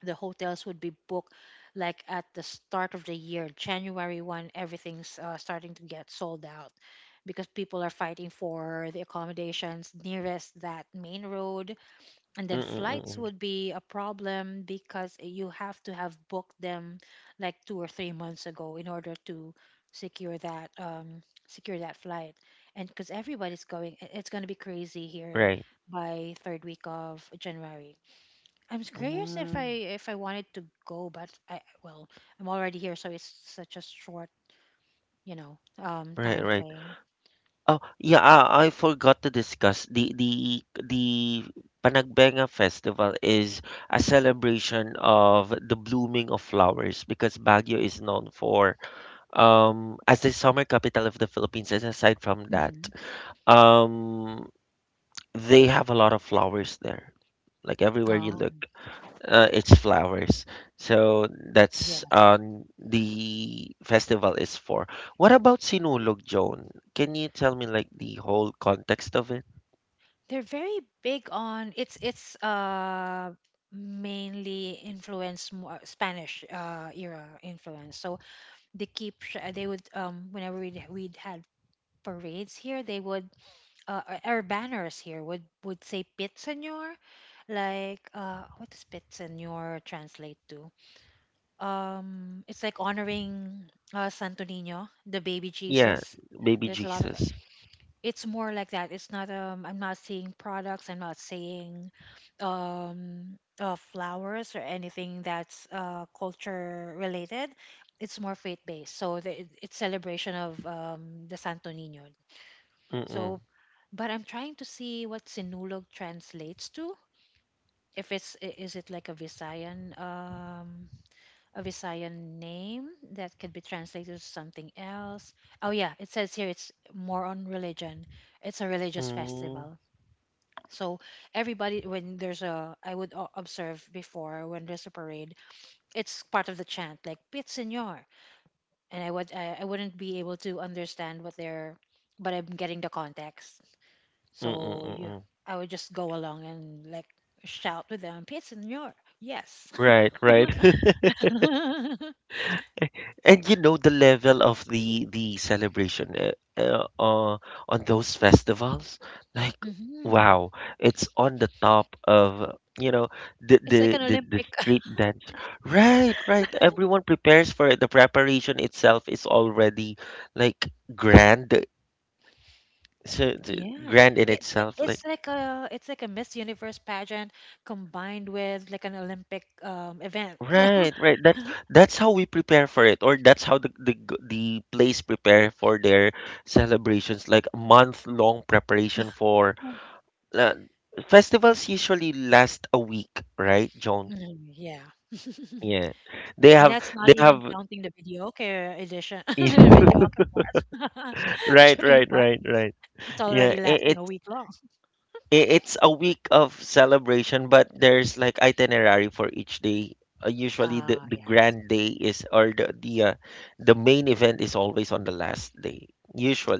Speaker 2: the hotels would be booked like at the start of the year, January 1, everything's starting to get sold out because people are fighting for the accommodations nearest that main road. And then flights
Speaker 1: Mm-mm-mm.
Speaker 2: would be a problem because you have to have booked them like 2 or 3 months ago in order to secure that flight. And because everybody's going, it's going to be crazy here
Speaker 1: Right.
Speaker 2: by third week of January. I'm curious if
Speaker 1: Mm.
Speaker 2: I wanted to go, but I well, I'm already here, so it's such a short, you know,
Speaker 1: Right,
Speaker 2: time
Speaker 1: right.
Speaker 2: frame.
Speaker 1: Oh, yeah, I forgot to discuss the Panagbenga Festival is a celebration of the blooming of flowers because Baguio is known for as the summer capital of the Philippines. And aside from that,
Speaker 2: Hmm.
Speaker 1: um they have a lot of flowers there. Like everywhere you
Speaker 2: Oh,
Speaker 1: look. It's flowers. So that's
Speaker 2: yes,
Speaker 1: the festival is for. What about Sinulog, Joan? Can you tell me like the whole context of it?
Speaker 2: they're very big on It's mainly influence, more Spanish era influence. So they would, um, whenever we'd had parades here, they would our banners here would say Pit Señor, like what does Pit Señor translate to? Um, it's like honoring santo nino, the baby
Speaker 1: Yeah,
Speaker 2: jesus.
Speaker 1: baby
Speaker 2: There's a lot of,
Speaker 1: Jesus.
Speaker 2: it's more like that. It's not, um, I'm not seeing products, I'm not seeing flowers or anything that's culture related. It's more faith based. So it's celebration of the santo nino.
Speaker 1: Mm-mm.
Speaker 2: So but I'm trying to see what sinulog translates to. If it's I- Is it like a Visayan um, a Visayan name that could be translated to something else? Oh yeah, it says here it's more on religion. It's a religious
Speaker 1: Mm,
Speaker 2: festival. So everybody, when there's a, I would observe before, when there's a parade, it's part of the chant like Pit Señor. And I wouldn't be able to understand what they're, but I'm getting the context. So you,
Speaker 1: Mm-mm-mm-mm.
Speaker 2: I would just go along and like shout with them, Pit Señor. Yes.
Speaker 1: Right, right.
Speaker 2: Hmm.
Speaker 1: And you know the level of the celebration uh, uh, on those festivals, like wow, it's on the top of you know
Speaker 2: It's like an
Speaker 1: the
Speaker 2: Olympic.
Speaker 1: street dance. Right, right. Everyone prepares for it. The preparation itself is already like grand, so
Speaker 2: Yeah,
Speaker 1: grand in
Speaker 2: it, it
Speaker 1: itself. Like.
Speaker 2: it's like a, it's like a Miss Universe pageant combined with like an Olympic event. So,
Speaker 1: Right, right. That's how we prepare for it, or that's how the the place prepare for their celebrations, like a month long preparation for
Speaker 2: mm,
Speaker 1: uh, festivals. Usually last a week, right, Joan?
Speaker 2: Mm, yeah,
Speaker 1: Yeah,
Speaker 2: and that's not
Speaker 1: they
Speaker 2: even
Speaker 1: have.
Speaker 2: counting the videoke edition,
Speaker 1: yeah.
Speaker 2: videoke part
Speaker 1: Right,
Speaker 2: during
Speaker 1: right,
Speaker 2: part.
Speaker 1: right, right.
Speaker 2: It's
Speaker 1: Yeah,
Speaker 2: already lasting a week long.
Speaker 1: it's a week of celebration, but there's like itinerary for each day. Usually,
Speaker 2: Ah,
Speaker 1: the
Speaker 2: yes.
Speaker 1: grand day is or the main event is always on the last day.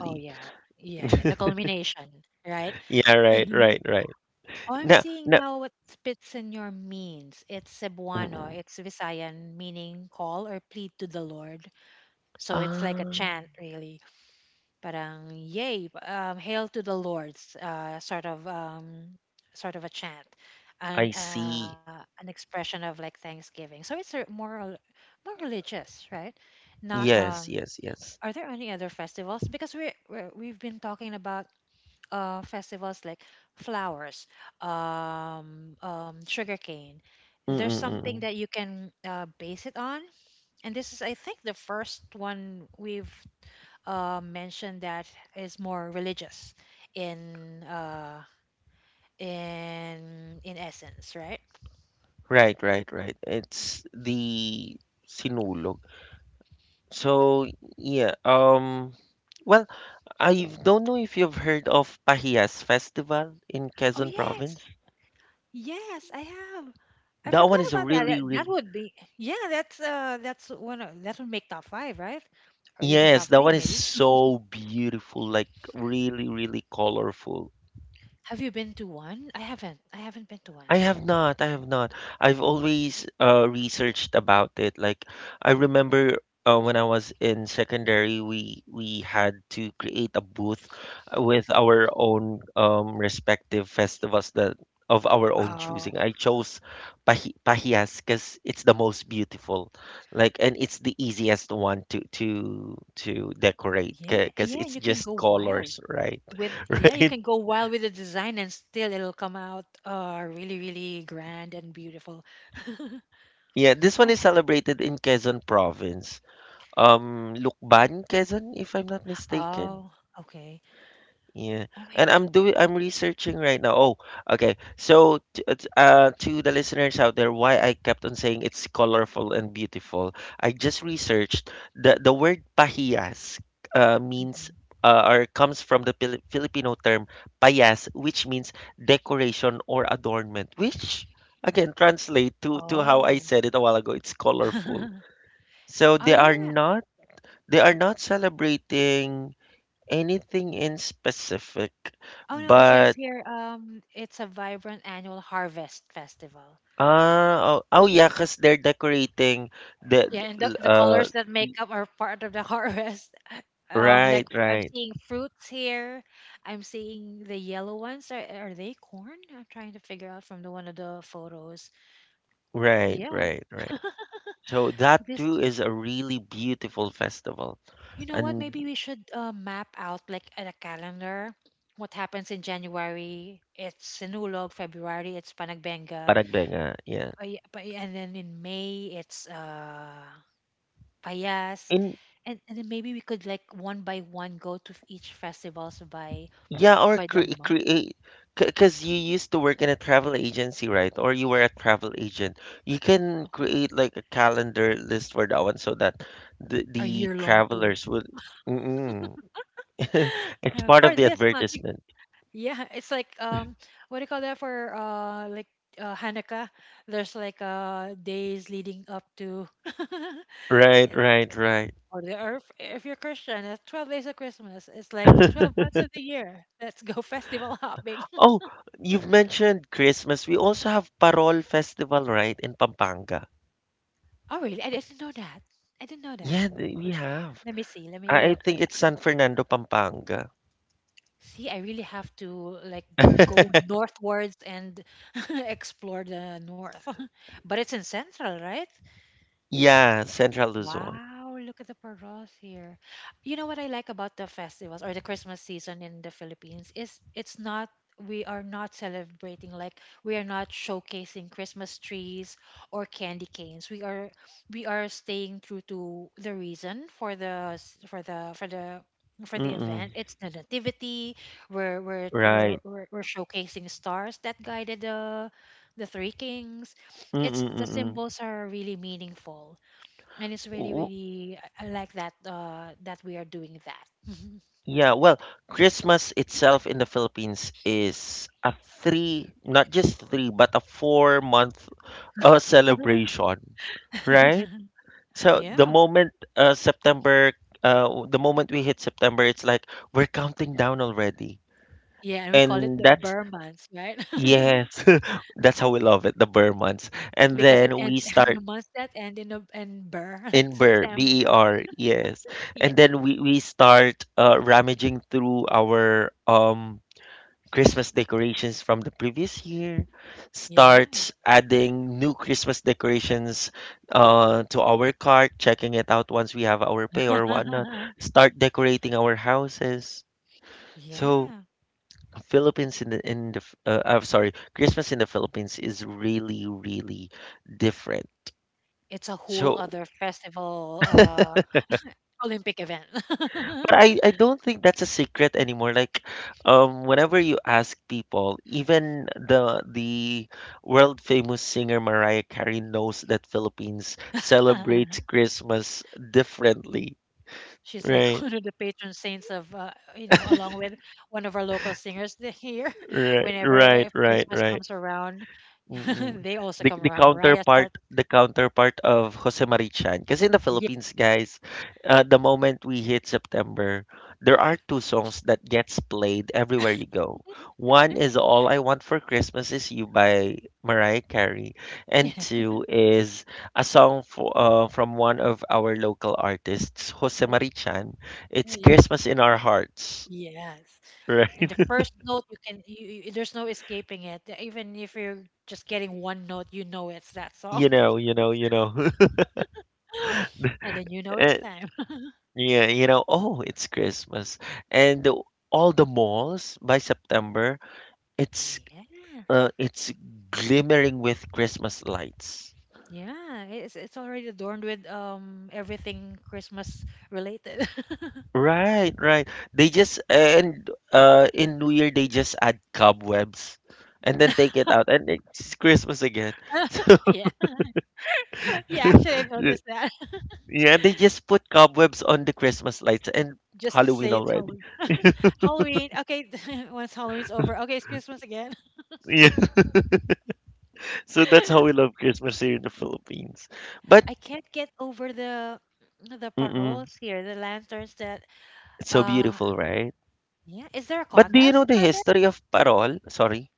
Speaker 2: Oh yeah, yeah, yeah. The culmination, right?
Speaker 1: yeah, right, right, right.
Speaker 2: Oh, I'm
Speaker 1: No,
Speaker 2: seeing
Speaker 1: no.
Speaker 2: now what Spitsenor means. It's Cebuano.
Speaker 1: Mm-mm.
Speaker 2: It's Visayan, meaning call or plead to the Lord. So it's like a
Speaker 1: Ah,
Speaker 2: chant, really. Parang yay, hail to the Lord's, sort of a chant,
Speaker 1: I see.
Speaker 2: an expression of like thanksgiving. So it's a more more religious, right? Not
Speaker 1: Yes, yes, yes.
Speaker 2: are there any other festivals? Because we've been talking about festivals like flowers, sugarcane. There's something
Speaker 1: Mm-mm-mm.
Speaker 2: that you can base it on, and this is, I think, the first one we've mention that is more religious in uh, in essence, right?
Speaker 1: Right, right, right. It's the sinulog. So yeah, well, I don't know if you've heard of Pahiyas Festival in
Speaker 2: Oh
Speaker 1: Quezon Province.
Speaker 2: yes, yes, I have. I
Speaker 1: That one
Speaker 2: forgot
Speaker 1: is a
Speaker 2: about that.
Speaker 1: really,
Speaker 2: That
Speaker 1: really
Speaker 2: would be, yeah. That would make top five, right? Or even
Speaker 1: yes,
Speaker 2: top
Speaker 1: that
Speaker 2: three,
Speaker 1: one is
Speaker 2: maybe.
Speaker 1: so beautiful, like really, really colorful.
Speaker 2: Have you been to one? I haven't been to one.
Speaker 1: I have not. I've always researched about it. Like I remember when I was in secondary, we had to create a booth with our own respective festivals that of our own
Speaker 2: Oh
Speaker 1: choosing. I chose Pahias because it's the most beautiful, like, and it's the easiest one to to decorate
Speaker 2: yeah,
Speaker 1: because
Speaker 2: yeah.
Speaker 1: it's
Speaker 2: You can
Speaker 1: just
Speaker 2: go wild
Speaker 1: colors, right?
Speaker 2: with yeah. You
Speaker 1: Right.
Speaker 2: can go wild with the design, and still it'll come out really, really grand and beautiful.
Speaker 1: Yeah, this one
Speaker 2: I
Speaker 1: is celebrated in Quezon province. Lukban, Quezon, if I'm not mistaken.
Speaker 2: Oh, okay.
Speaker 1: Yeah.
Speaker 2: Oh my.
Speaker 1: And I'm researching right now. Oh, okay. So it's, to the listeners out there why I kept on saying it's colorful and beautiful. I just researched the word pahiyas means
Speaker 2: Mhm.
Speaker 1: or comes from the Filipino term payas, which means decoration or adornment, which again translate to how I
Speaker 2: Oh.
Speaker 1: said it a while ago. It's colorful. So
Speaker 2: Oh
Speaker 1: they are
Speaker 2: yeah.
Speaker 1: not they are not celebrating anything in specific,
Speaker 2: Oh no, it says
Speaker 1: but
Speaker 2: here it's a vibrant annual harvest festival.
Speaker 1: ah, oh, oh yeah, 'cause they're decorating the,
Speaker 2: Yeah, and the
Speaker 1: uh
Speaker 2: colors that make up are part of the harvest. Um like
Speaker 1: right,
Speaker 2: fr- I'm
Speaker 1: right,
Speaker 2: seeing fruits here. I'm seeing the yellow ones are they corn? I'm trying to figure out from the one of the photos.
Speaker 1: right,
Speaker 2: Yeah.
Speaker 1: right, right. So that
Speaker 2: This
Speaker 1: too is a really beautiful festival.
Speaker 2: You know what?
Speaker 1: And
Speaker 2: Maybe we should map out like at a calendar what happens in January. It's Sinulog. February, it's Panagbenga.
Speaker 1: Paragbenga, yeah.
Speaker 2: And then in May, it's Payas.
Speaker 1: In
Speaker 2: And then maybe we could like one by one go to each festivals by
Speaker 1: Yeah, or
Speaker 2: by the month
Speaker 1: create, because you used to work in a travel agency, right? Or you were a travel agent. You can create like a calendar list for that one so that the,
Speaker 2: or
Speaker 1: the
Speaker 2: year long tour.
Speaker 1: travelers will. Mm-mm. It's part
Speaker 2: For
Speaker 1: of the
Speaker 2: this month,
Speaker 1: advertisement.
Speaker 2: yeah, it's like what do you call that for like Hanukkah? There's like days leading up to
Speaker 1: Right, right, right.
Speaker 2: Or, or if you're Christian, it's 12 days of Christmas. It's like the 12 months of the year. Let's go festival hopping.
Speaker 1: Oh, you've mentioned Christmas. We also have Parol Festival, right, in Pampanga.
Speaker 2: Oh, really? I didn't know that. I didn't know that.
Speaker 1: Yeah, we have.
Speaker 2: Let me see. Let me
Speaker 1: I
Speaker 2: look.
Speaker 1: think it's San Fernando, Pampanga.
Speaker 2: See, I really have to like go northwards and explore the north. But it's in central, right?
Speaker 1: Yeah, Central Luzon.
Speaker 2: Wow, look at the paros here. You know what I like about the festivals or the Christmas season in the Philippines is it's not we are not celebrating, like, we are not showcasing Christmas trees or candy canes. We are staying true to the reason for the s- for the for the for the
Speaker 1: Mm-mm.
Speaker 2: event. It's the nativity. We're we're we're
Speaker 1: Right.
Speaker 2: we're, we're showcasing stars that guided the three kings.
Speaker 1: Mm,
Speaker 2: It's
Speaker 1: mm,
Speaker 2: the
Speaker 1: mm.
Speaker 2: symbols are really meaningful, and it's really
Speaker 1: W-
Speaker 2: really I like that, that we are doing that.
Speaker 1: Yeah, well, Christmas itself in the Philippines is a three, not just three, but a 4-month celebration, right? So the
Speaker 2: Yeah.
Speaker 1: moment, September, the moment we hit September, it's like we're counting down already.
Speaker 2: Yeah, and we call it
Speaker 1: And
Speaker 2: the
Speaker 1: that's,
Speaker 2: Burr months, right?
Speaker 1: yes, that's how we love it, the Burr months. And
Speaker 2: Because it
Speaker 1: then we
Speaker 2: ends
Speaker 1: start.
Speaker 2: the months that end in in Burr, like
Speaker 1: In Ber,
Speaker 2: September.
Speaker 1: Ber, yes.
Speaker 2: Yeah.
Speaker 1: And then we start, rummaging through our Christmas decorations from the previous year,
Speaker 2: Yeah.
Speaker 1: start adding new Christmas decorations, to our cart, checking it out once we have our pay or whatnot, start decorating our houses. So,
Speaker 2: Yeah.
Speaker 1: Philippines in the F- I'm sorry, Christmas in the Philippines is really, really different.
Speaker 2: It's a whole
Speaker 1: So,
Speaker 2: other festival Olympic event.
Speaker 1: but I don't think that's a secret anymore. Like, whenever you ask people, even the world famous singer Mariah Carey knows that Philippines celebrates Christmas differently.
Speaker 2: She's like
Speaker 1: Right,
Speaker 2: one of the patron saints of along with one of our local singers here.
Speaker 1: right,
Speaker 2: Whenever
Speaker 1: right, right,
Speaker 2: Christmas
Speaker 1: right.
Speaker 2: comes around,
Speaker 1: Mm.
Speaker 2: they also
Speaker 1: The
Speaker 2: come
Speaker 1: the
Speaker 2: around. Mariah
Speaker 1: counterpart
Speaker 2: starts.
Speaker 1: the counterpart of Jose Marichan. Because in the
Speaker 2: Yeah.
Speaker 1: Philippines, guys, the moment we hit September, there are two songs that gets played everywhere you go. One is All I Want for Christmas Is You by Mariah Carey, and two is a song from one of our local artists, Jose Marichan. It's
Speaker 2: Y-
Speaker 1: Christmas in Our Hearts,
Speaker 2: Yes.
Speaker 1: right?
Speaker 2: And the first note you can you, you- there's no escaping it. Even if you're just getting one note, you know it's that song.
Speaker 1: You know, you know, you know.
Speaker 2: And then you know it's
Speaker 1: Eh,
Speaker 2: time.
Speaker 1: Yeah, oh, it's Christmas. And all the malls by September, it's
Speaker 2: Yeah.
Speaker 1: it's glimmering with Christmas lights.
Speaker 2: Yeah, it's already adorned with everything Christmas related.
Speaker 1: Right, right. They just and in New Year, they just add cobwebs and then take it out and it's Christmas again.
Speaker 2: Yeah. Yeah,
Speaker 1: So,
Speaker 2: actually I've noticed that.
Speaker 1: yeah, they just put cobwebs on the Christmas lights, and
Speaker 2: Just to
Speaker 1: Halloween
Speaker 2: say it's
Speaker 1: already.
Speaker 2: Halloween. Halloween. Okay, once Halloween's over. Okay, it's Christmas again.
Speaker 1: Yeah. So that's how we love Christmas here in the Philippines. But,
Speaker 2: I can't get over the
Speaker 1: mm-mm,
Speaker 2: paroles here, the lanterns that
Speaker 1: it's so
Speaker 2: uh
Speaker 1: beautiful, right?
Speaker 2: yeah, is there a
Speaker 1: But do you know
Speaker 2: contest
Speaker 1: the
Speaker 2: for that?
Speaker 1: history of parol? Sorry.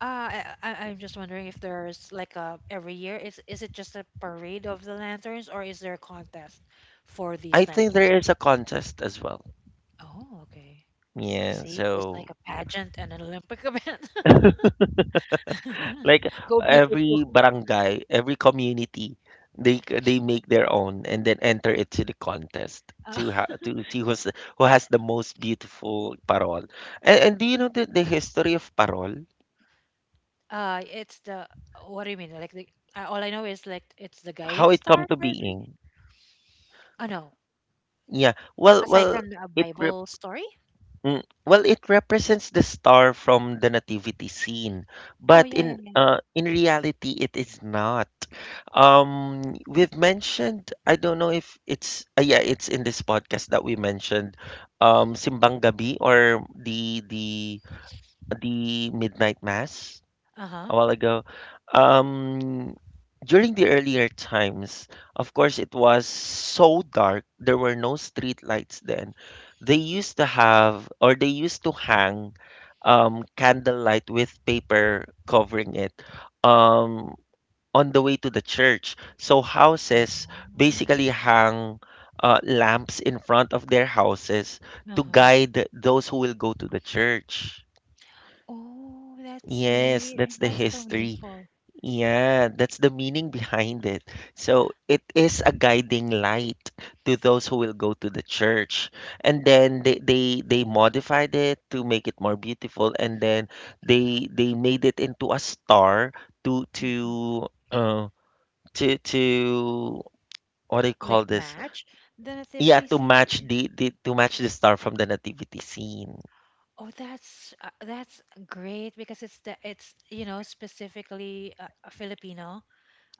Speaker 2: I'm just wondering if there's like a every year is it just a parade of the lanterns, or is there a contest for
Speaker 1: I
Speaker 2: these
Speaker 1: think
Speaker 2: lanterns?
Speaker 1: there is a contest as well.
Speaker 2: Oh, okay.
Speaker 1: Yeah,
Speaker 2: See, it's like a
Speaker 1: so
Speaker 2: pageant and an Olympic event.
Speaker 1: like
Speaker 2: Go big or go
Speaker 1: every
Speaker 2: home.
Speaker 1: barangay, every community, they make their own and then enter it to the contest,
Speaker 2: Uh,
Speaker 1: to see who has the most beautiful parol. And, do you know the history of parol?
Speaker 2: it's the what do you mean? Like the All I know is, like, it's the
Speaker 1: How
Speaker 2: guiding
Speaker 1: it come
Speaker 2: star
Speaker 1: to
Speaker 2: for the three.
Speaker 1: being?
Speaker 2: Oh no,
Speaker 1: Yeah. Well,
Speaker 2: aside
Speaker 1: well,
Speaker 2: from a
Speaker 1: it
Speaker 2: Bible story?
Speaker 1: It represents the star from the nativity scene,
Speaker 2: Oh,
Speaker 1: but
Speaker 2: yeah, yeah, yeah.
Speaker 1: in reality, it is not. We've mentioned, I don't know if it's, yeah, it's in this podcast that we mentioned, Simbang Gabi, or the midnight mass,
Speaker 2: Uh-huh.
Speaker 1: a while ago. Um, During the earlier times, of course, it was so dark. There were no street lights then. They used to hang, candlelight with paper covering it, um, on the way to the church. So
Speaker 2: Oh.
Speaker 1: houses basically hang, lamps in front of their houses to
Speaker 2: Uh-huh.
Speaker 1: guide those who will go to the church.
Speaker 2: Oh, that's
Speaker 1: Yes,
Speaker 2: sweet. And
Speaker 1: that's the
Speaker 2: that's so
Speaker 1: history.
Speaker 2: meaningful.
Speaker 1: Yeah, that's the meaning behind it. So it is a guiding light to those who will go to the church. And then they modified it to make it more beautiful, and then they made it into a star, to
Speaker 2: hmm
Speaker 1: to uh to what do you call
Speaker 2: Like
Speaker 1: this?
Speaker 2: match the
Speaker 1: Yeah,
Speaker 2: nativity scene.
Speaker 1: to match the star from the nativity scene.
Speaker 2: Oh, that's great because it's specifically a Filipino,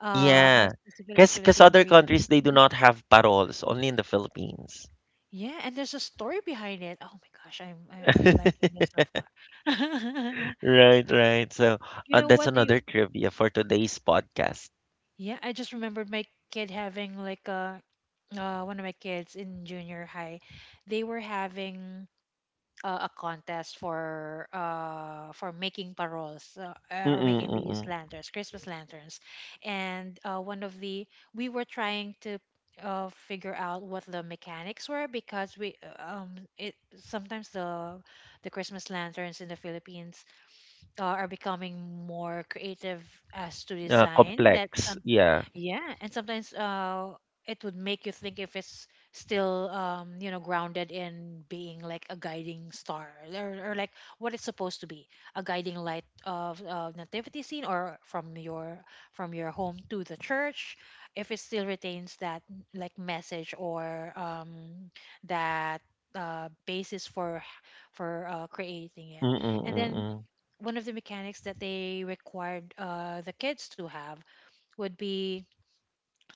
Speaker 2: a
Speaker 1: Yeah.
Speaker 2: specifically
Speaker 1: Cause
Speaker 2: Filipino
Speaker 1: other countries
Speaker 2: reason.
Speaker 1: they do
Speaker 2: Mhm.
Speaker 1: not have paroles, only in the Philippines.
Speaker 2: Yeah, and there's a story behind it. Oh my gosh, I'm liking this so far.
Speaker 1: Right, right. So,
Speaker 2: You know
Speaker 1: that's
Speaker 2: what?
Speaker 1: another trivia for today's podcast.
Speaker 2: Yeah, I just remembered my kid having like a one of my kids in junior high, they were having a contest for for making paroles, or
Speaker 1: Mm-mm,
Speaker 2: making these
Speaker 1: mm-mm.
Speaker 2: lanterns, Christmas lanterns, and one of the we were trying to figure out what the mechanics were, because we it sometimes the Christmas lanterns in the Philippines are becoming more creative as to design that
Speaker 1: Complex.
Speaker 2: some,
Speaker 1: Yeah.
Speaker 2: yeah, and sometimes it would make you think if it's still grounded in being like a guiding star, or like what it's supposed to be, a guiding light of nativity scene or from your home to the church, if it still retains that, like, message or that basis for creating it,
Speaker 1: Mm-mm,
Speaker 2: and then
Speaker 1: mm-mm.
Speaker 2: one of the mechanics that they required the kids to have would be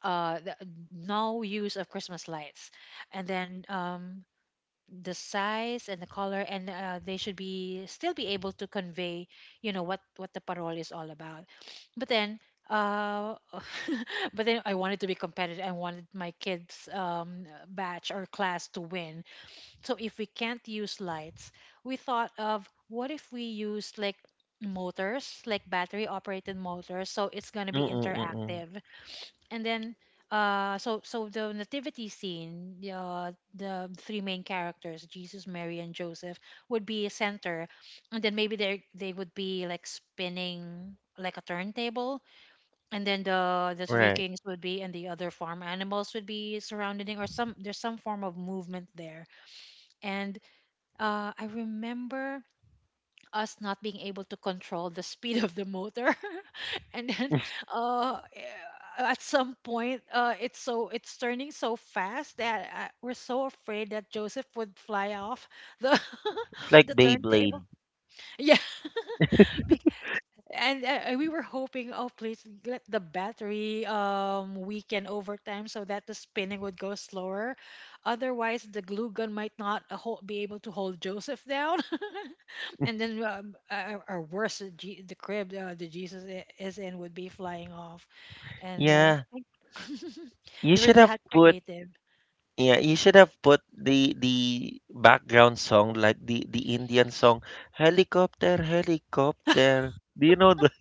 Speaker 2: uh, the, no use of Christmas lights, and then the size and the color, and they should be still be able to convey, what the parole is all about. But then. Uh, but then I wanted to be competitive. I wanted my kids' batch or class to win, so if we can't use lights, we thought of, what if we use like motors, like battery operated motors, so it's going to be
Speaker 1: Mm-mm, mm-mm.
Speaker 2: interactive. And then so the nativity scene, the three main characters, Jesus, Mary and Joseph would be a center, and then maybe they would be like spinning like a turntable, and then the three
Speaker 1: Right.
Speaker 2: kings would be, and the other farm animals would be surrounding, or some, there's some form of movement there, and I remember us not being able to control the speed of the motor, and then uh, eh, at some point, it's turning so fast that we're so afraid that Joseph would fly off the
Speaker 1: It's
Speaker 2: the
Speaker 1: like
Speaker 2: turntable.
Speaker 1: Beyblade.
Speaker 2: Yeah, be- and we were hoping, oh please let the battery weaken over time so that the spinning would go slower, otherwise the glue gun might not be able to hold Joseph down and then or worse, the crib, the Jesus is in would be flying off, and
Speaker 1: Yeah. You
Speaker 2: they were
Speaker 1: should have
Speaker 2: that
Speaker 1: put
Speaker 2: creative,
Speaker 1: yeah, you should have put the background song, like the Indian song, helicopter, helicopter. Do you know the?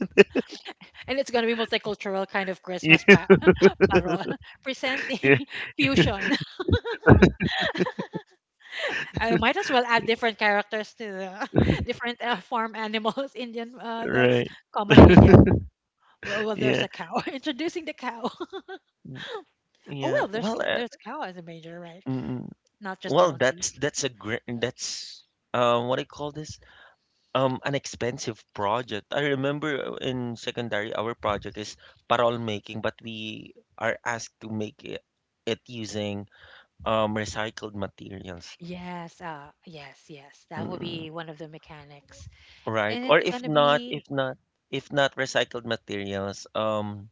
Speaker 2: and it's going to be multicultural kind of Christmas
Speaker 1: Yeah,
Speaker 2: parol
Speaker 1: yeah.
Speaker 2: presenting fusion. I might as well add different characters to the different farm animals. Indian, that's
Speaker 1: Right.
Speaker 2: common in India. Well, well, there's
Speaker 1: Yeah.
Speaker 2: a cow. Introducing the cow. Oh
Speaker 1: Yeah.
Speaker 2: well, there's
Speaker 1: Well,
Speaker 2: there's cow as a major, right?
Speaker 1: mm,
Speaker 2: Not just
Speaker 1: That's
Speaker 2: donkeys.
Speaker 1: that's a great, that's what I call this, an expensive project. I remember, in secondary our project is parol making, but we are asked to make it using recycled materials,
Speaker 2: Yes, yes, yes. That will
Speaker 1: mm,
Speaker 2: be one of the mechanics,
Speaker 1: right?
Speaker 2: and
Speaker 1: Or
Speaker 2: it's
Speaker 1: if
Speaker 2: gonna
Speaker 1: not,
Speaker 2: be
Speaker 1: if not, if not recycled materials,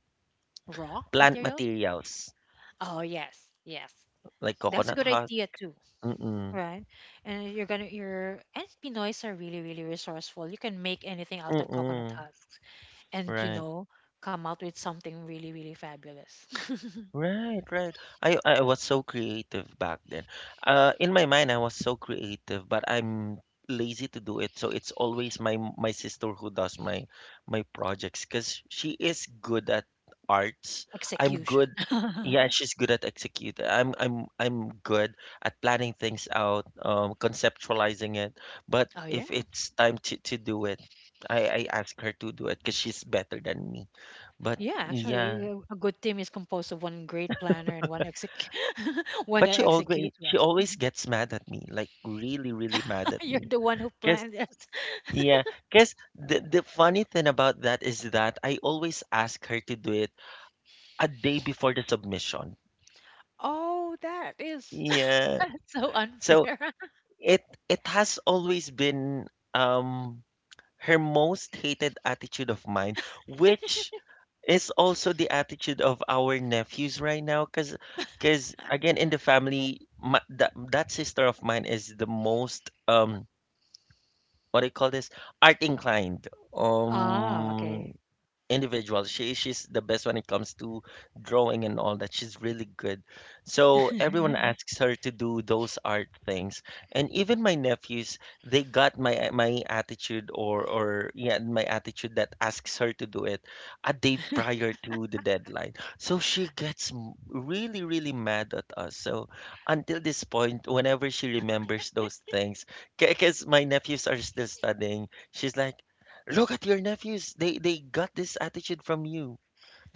Speaker 2: raw
Speaker 1: plant
Speaker 2: material.
Speaker 1: materials
Speaker 2: Oh yes, yes.
Speaker 1: like
Speaker 2: That's a
Speaker 1: coconut
Speaker 2: good
Speaker 1: husk.
Speaker 2: idea too,
Speaker 1: Mm-mm,
Speaker 2: right? And you're gonna you're. And Pinoys are really, really resourceful. You can make anything out of coconut
Speaker 1: mm-mm,
Speaker 2: husks, and
Speaker 1: right.
Speaker 2: come out with something really, really fabulous.
Speaker 1: Right, right. I was so creative back then. In my mind, I was so creative, but I'm lazy to do it. So it's always my sister who does my projects because she is good at arts. I'm
Speaker 2: Execution.
Speaker 1: good.
Speaker 2: Oh,
Speaker 1: Yeah, she's good at executing. I'm good at planning things out, conceptualizing it. But
Speaker 2: yeah,
Speaker 1: if it's time to do it, I ask her to do it because she's better than me. But
Speaker 2: yeah, actually,
Speaker 1: yeah.
Speaker 2: a good team is composed of one great planner and one exec. One
Speaker 1: But
Speaker 2: that
Speaker 1: she always
Speaker 2: executes
Speaker 1: she
Speaker 2: well.
Speaker 1: always gets mad at me, like really, really mad at
Speaker 2: You're
Speaker 1: me.
Speaker 2: the one who
Speaker 1: Cause
Speaker 2: planned it.
Speaker 1: yeah, cause the funny thing about that is that I always ask her to do it a day before the submission.
Speaker 2: Oh, that is
Speaker 1: Yeah.
Speaker 2: so
Speaker 1: So
Speaker 2: unfair.
Speaker 1: it it has always been um her most hated attitude of mine, which is also the attitude of our nephews right now, cause again in the family, that sister of mine is the most, what do you call this, art inclined, um
Speaker 2: Okay.
Speaker 1: individual. She's the best when it comes to drawing and all that. She's really good. So everyone asks her to do those art things. And even my nephews, they got my attitude, or, yeah, my attitude that asks her to do it a day prior to the deadline. So she gets, really, really mad at us. So until this point, whenever she remembers those things, because my nephews are still studying, she's like, "Look at your nephews. They got this attitude from you."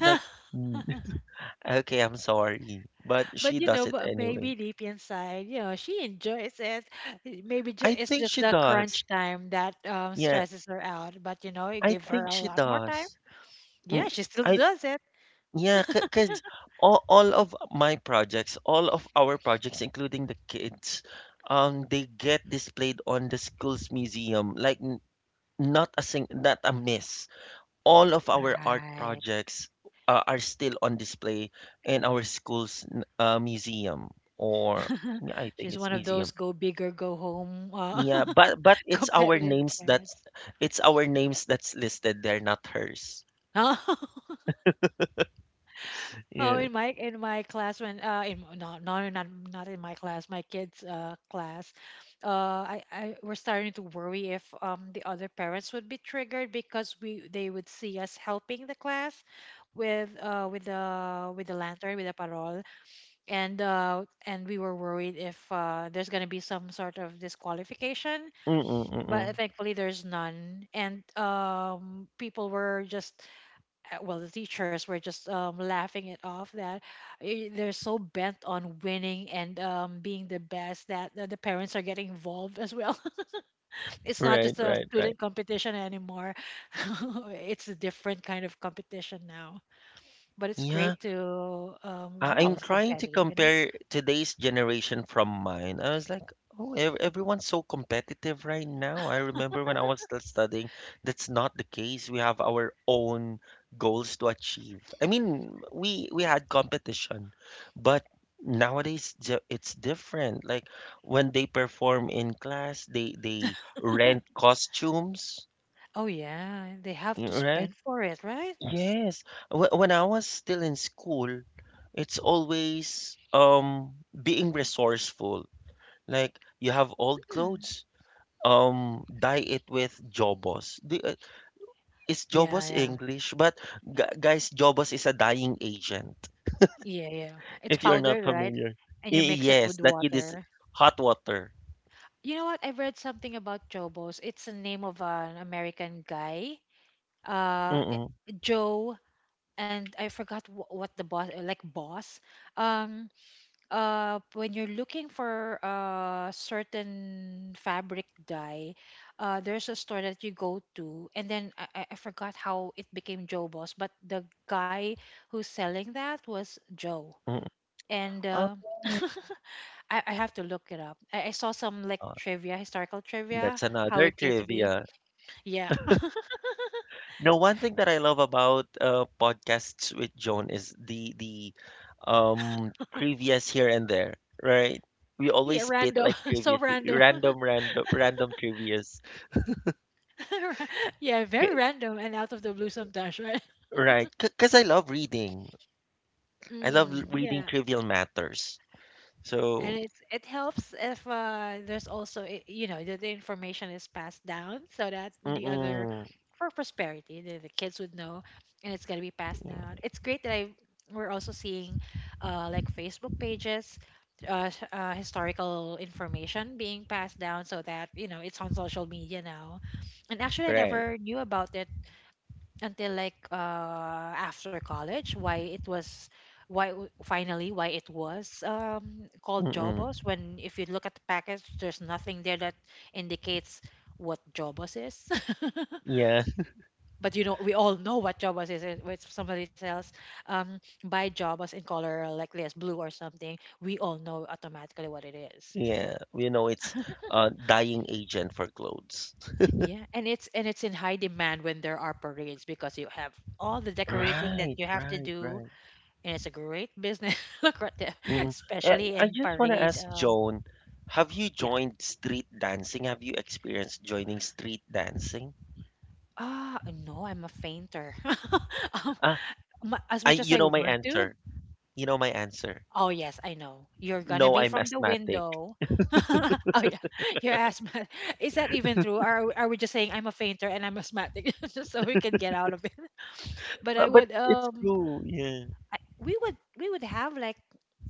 Speaker 1: It's like, "Mm, okay, I'm sorry," but
Speaker 2: But
Speaker 1: she does it anyway.
Speaker 2: maybe deep inside, she enjoys it. Maybe
Speaker 1: I
Speaker 2: it's
Speaker 1: think
Speaker 2: just
Speaker 1: she
Speaker 2: the
Speaker 1: does.
Speaker 2: crunch time that
Speaker 1: Yeah,
Speaker 2: stresses her out. But you
Speaker 1: I
Speaker 2: give her
Speaker 1: think
Speaker 2: a
Speaker 1: she
Speaker 2: lot more time.
Speaker 1: does.
Speaker 2: Yeah,
Speaker 1: Mm,
Speaker 2: she still
Speaker 1: I
Speaker 2: does it.
Speaker 1: Yeah, because all of my projects, all of our projects, including the kids, they get displayed on the school's museum. Like, not a miss. All of our art
Speaker 2: Right.
Speaker 1: projects, are still on display in our school's, museum, or yeah, I think
Speaker 2: She's one
Speaker 1: it's
Speaker 2: of those
Speaker 1: museum.
Speaker 2: go big or go home,
Speaker 1: Yeah, but
Speaker 2: competitive parents.
Speaker 1: it's our names that's listed there, not hers.
Speaker 2: Oh,
Speaker 1: Yeah.
Speaker 2: in my class, when in no, no, no, not in my class, my kids' class, uh I were starting to worry if the other parents would be triggered because we they would see us helping the class with the lantern, with the parol, and and we were worried if there's gonna be some sort of disqualification, but
Speaker 1: Mm-mm-mm.
Speaker 2: thankfully there's none, and people were just, well, the teachers were just, laughing it off that, they're so bent on winning and being the best that, the parents are getting involved as well. It's not
Speaker 1: Right,
Speaker 2: just a
Speaker 1: right, right.
Speaker 2: student competition anymore. It's a different kind of competition now, but it's great
Speaker 1: Yeah.
Speaker 2: to we're all
Speaker 1: I'm trying to
Speaker 2: competitive.
Speaker 1: compare today's generation from mine. I was like, oh, everyone's so competitive right now. I remember when I was still studying, that's not the case. We have our own goals to achieve. I mean, we had competition, but nowadays, it's different. Like when they perform in class, they rent costumes,
Speaker 2: Oh yeah, they have to
Speaker 1: right?
Speaker 2: spend for it, right.
Speaker 1: Yes. When I was still in school, it's always, being resourceful. Like you have old
Speaker 2: Mm.
Speaker 1: clothes, dye it with Jobos. Is
Speaker 2: Yeah,
Speaker 1: Jobos
Speaker 2: yeah.
Speaker 1: English? But gu guys, Jobos is a dyeing agent.
Speaker 2: Yeah, yeah it's
Speaker 1: If you're not
Speaker 2: powdered, right,
Speaker 1: familiar.
Speaker 2: and you
Speaker 1: Y-
Speaker 2: mix it
Speaker 1: yes,
Speaker 2: with
Speaker 1: that it is
Speaker 2: water.
Speaker 1: hot water.
Speaker 2: You know what? I read something about Jobos. It's the name of an American guy, uh, i-
Speaker 1: Mm-mm,
Speaker 2: Joe, and I forgot what the boss like boss. Um, when you're looking for a certain fabric dye, there's a store that you go to, and then I forgot how it became Joe Boss, but the guy who's selling that was Joe,
Speaker 1: mm-mm.
Speaker 2: and.
Speaker 1: Oh,
Speaker 2: I have to look it up. I saw some like
Speaker 1: uh,
Speaker 2: trivia, historical trivia,
Speaker 1: that's
Speaker 2: how
Speaker 1: another
Speaker 2: it came to be.
Speaker 1: trivia.
Speaker 2: Yeah.
Speaker 1: No, one thing that I love about, podcasts with Joan is the trivia's here and there, right? We
Speaker 2: Yeah,
Speaker 1: always spit
Speaker 2: random.
Speaker 1: like
Speaker 2: So
Speaker 1: trivia,
Speaker 2: random.
Speaker 1: random, random, random trivia's,
Speaker 2: Yeah, very
Speaker 1: K-
Speaker 2: random and out of the blue sometimes, right?
Speaker 1: right? Because I love reading. I love,
Speaker 2: Mm, yeah.
Speaker 1: reading trivial matters.
Speaker 2: And
Speaker 1: So,
Speaker 2: it helps if there's also you know, the information is passed down so that the other,
Speaker 1: mm-mm,
Speaker 2: for prosperity, the kids would know, and it's gonna be passed
Speaker 1: yeah,
Speaker 2: down. It's great that I we're also seeing like Facebook pages, historical information being passed down so that you know it's on social media now. And actually I
Speaker 1: right?
Speaker 2: never knew about it until like after college why it was, finally why it was called
Speaker 1: Mm-mm,
Speaker 2: Jobos when, if you look at the package, there's nothing there that indicates what Jobos is.
Speaker 1: yeah,
Speaker 2: But you know, we all know what Jobos is. When somebody sells, um buy Jobos in color like this blue or something, we all know automatically what it is.
Speaker 1: yeah. You know, it's, dying agent for clothes.
Speaker 2: Yeah, and it's, and it's in high demand when there are parades because you have all the decorating that
Speaker 1: Right,
Speaker 2: you have to
Speaker 1: right,
Speaker 2: do,
Speaker 1: right.
Speaker 2: and it's a great business. Look, lucrative,
Speaker 1: Mm.
Speaker 2: especially
Speaker 1: I
Speaker 2: in
Speaker 1: just wanna
Speaker 2: parade.
Speaker 1: ask Joan, have you
Speaker 2: Yeah.
Speaker 1: joined street dancing? Have you experienced joining street dancing?
Speaker 2: Ah, no, I'm a fainter. um,
Speaker 1: Ah,
Speaker 2: as much
Speaker 1: I
Speaker 2: as I
Speaker 1: you know my
Speaker 2: want to.
Speaker 1: answer. You know my answer.
Speaker 2: Oh yes, I know. You're gonna
Speaker 1: No,
Speaker 2: be
Speaker 1: I'm
Speaker 2: from the
Speaker 1: asthmatic.
Speaker 2: window. Oh yeah, you're asthmatic. Is that even true? Are we just saying I'm a fainter and I'm asthmatic just so we can get out of it? But I
Speaker 1: But,
Speaker 2: would
Speaker 1: it's true. Yeah.
Speaker 2: I, we would have like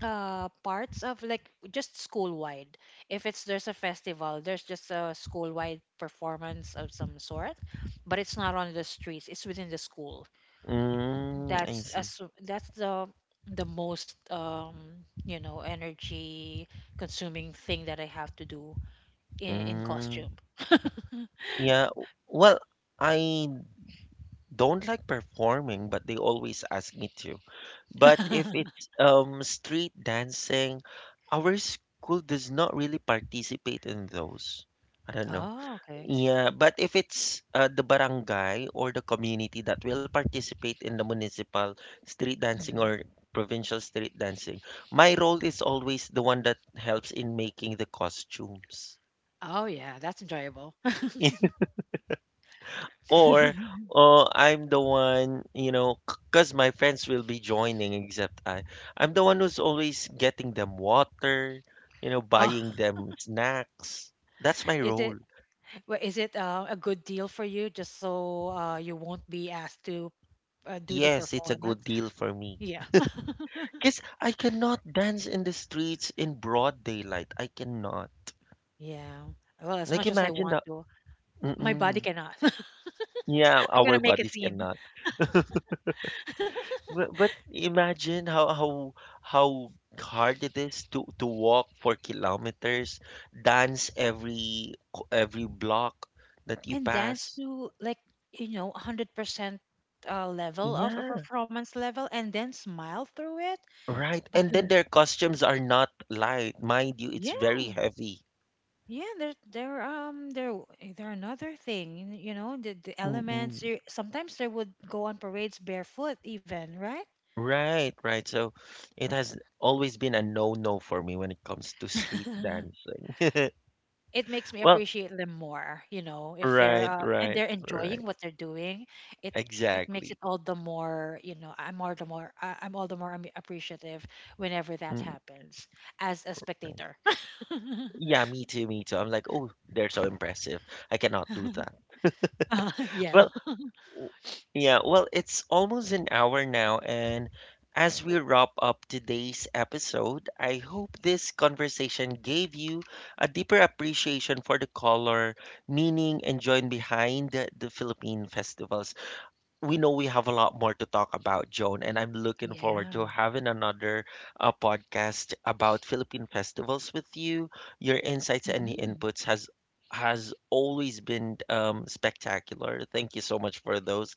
Speaker 2: parts of like just school wide, if it's, there's a festival, there's just a school wide performance of some sort, but it's not on the streets, it's within the school.
Speaker 1: Mm, I
Speaker 2: That's
Speaker 1: see.
Speaker 2: as, that's the most you know, energy consuming thing that I have to do, in
Speaker 1: Mm,
Speaker 2: costume.
Speaker 1: yeah. Well, I don't like performing, but they always ask me to. But if it's, street dancing, our school does not really participate in those. I don't know.
Speaker 2: Oh, okay.
Speaker 1: Yeah, but if it's, the barangay or the community that will participate in the municipal street dancing
Speaker 2: Hmm.
Speaker 1: or provincial street dancing, my role is always the one that helps in making the costumes.
Speaker 2: Oh yeah, that's enjoyable.
Speaker 1: Or, oh, I'm the one, because my friends will be joining, except I'm the one who's always getting them water,
Speaker 2: Oh,
Speaker 1: buying them snacks. That's my
Speaker 2: is
Speaker 1: role.
Speaker 2: it? Well, is it a good deal for you just so you won't be asked to do the
Speaker 1: Yes, it's a
Speaker 2: performance?
Speaker 1: good deal for me
Speaker 2: Yeah.
Speaker 1: because I cannot dance in the streets in broad daylight. I cannot,
Speaker 2: Yeah. Well, as much
Speaker 1: like,
Speaker 2: as I
Speaker 1: imagine
Speaker 2: want
Speaker 1: the.
Speaker 2: to, my body
Speaker 1: Mm-mm.
Speaker 2: cannot.
Speaker 1: Yeah,
Speaker 2: I'm
Speaker 1: our
Speaker 2: gonna make a
Speaker 1: bodies
Speaker 2: scene
Speaker 1: cannot. But, imagine how hard it is to walk for kilometers, dance every, every block that you
Speaker 2: and dance
Speaker 1: pass.
Speaker 2: to, like, you know, 100% level of a
Speaker 1: Yeah,
Speaker 2: performance level and then smile through it.
Speaker 1: right.
Speaker 2: But
Speaker 1: And
Speaker 2: you
Speaker 1: then
Speaker 2: kn-
Speaker 1: their costumes are not light, mind you, it's very
Speaker 2: yeah,
Speaker 1: heavy.
Speaker 2: yeah, there, there another thing, you know, the elements,
Speaker 1: Mm-mm.
Speaker 2: you, sometimes they would go on parades barefoot even, right?
Speaker 1: Right, right. So it has always been a no-no for me when it comes to street dancing.
Speaker 2: It makes me
Speaker 1: Well,
Speaker 2: appreciate them more, you know, if they're
Speaker 1: right,
Speaker 2: and
Speaker 1: right,
Speaker 2: they're enjoying
Speaker 1: right.
Speaker 2: what they're doing. It it makes it
Speaker 1: Exactly.
Speaker 2: all the more, you know, I'm all the more appreciative whenever that happens, as a spectator.
Speaker 1: Yeah, me too, me too. I'm like, oh, they're so impressive. I cannot do that.
Speaker 2: Yeah.
Speaker 1: Well, w- yeah, well, it's almost an hour now, and as we wrap up today's episode, I hope this conversation gave you a deeper appreciation for the color, meaning, and joy behind the Philippine festivals. We know we have a lot more to talk about, Joan, and I'm looking forward to
Speaker 2: Yeah.
Speaker 1: having another, podcast about Philippine festivals with you. Your insights and
Speaker 2: Hmm.
Speaker 1: inputs has always been, spectacular. Thank you so much for those.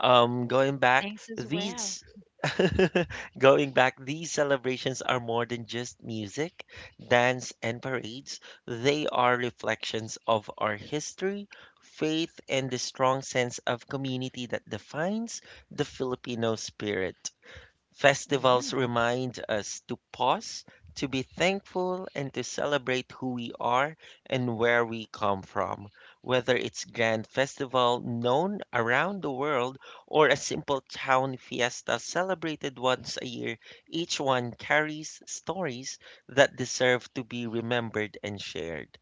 Speaker 1: Going back,
Speaker 2: Thanks as well.
Speaker 1: these Going back, these celebrations are more than just music, dance, and parades. They are reflections of our history, faith, and the strong sense of community that defines the Filipino spirit. Festivals
Speaker 2: Yeah.
Speaker 1: remind us to pause, to be thankful, and to celebrate who we are and where we come from. Whether it's grand festival known around the world or a simple town fiesta celebrated once a year, each one carries stories that deserve to be remembered and shared.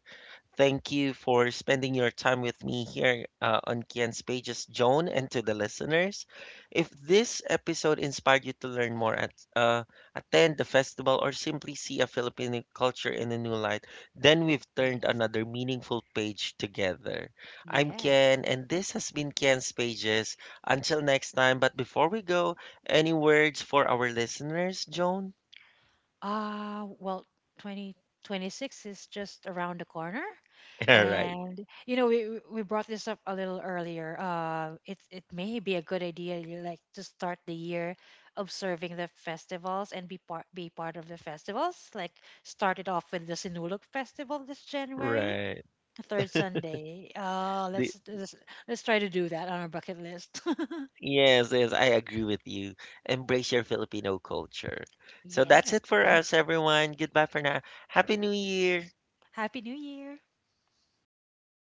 Speaker 1: Thank you for spending your time with me here, on Kian's Pages, Joan, and to the listeners. If this episode inspired you to learn more, attend the festival, or simply see a Filipino culture in a new light, then we've turned
Speaker 2: Yes.
Speaker 1: another meaningful page together. I'm
Speaker 2: Yes.
Speaker 1: Kian, and this has been Kian's Pages. Until next time, but before we go, any words for our listeners, Joan?
Speaker 2: Well, 2026 is just around the corner.
Speaker 1: All right,
Speaker 2: And you know, we brought this up a little earlier. It it may be a good idea, you like to start the year observing the festivals and be part of the festivals. Like, start it off with the Sinulog Festival this January,
Speaker 1: right.
Speaker 2: the third Sunday.
Speaker 1: The-
Speaker 2: Let's try to do that on our bucket list.
Speaker 1: Yes, yes, I agree with you. Embrace your Filipino culture. So that's
Speaker 2: Yeah.
Speaker 1: it for us, everyone. Goodbye for now. Happy New Year.
Speaker 2: Happy New Year.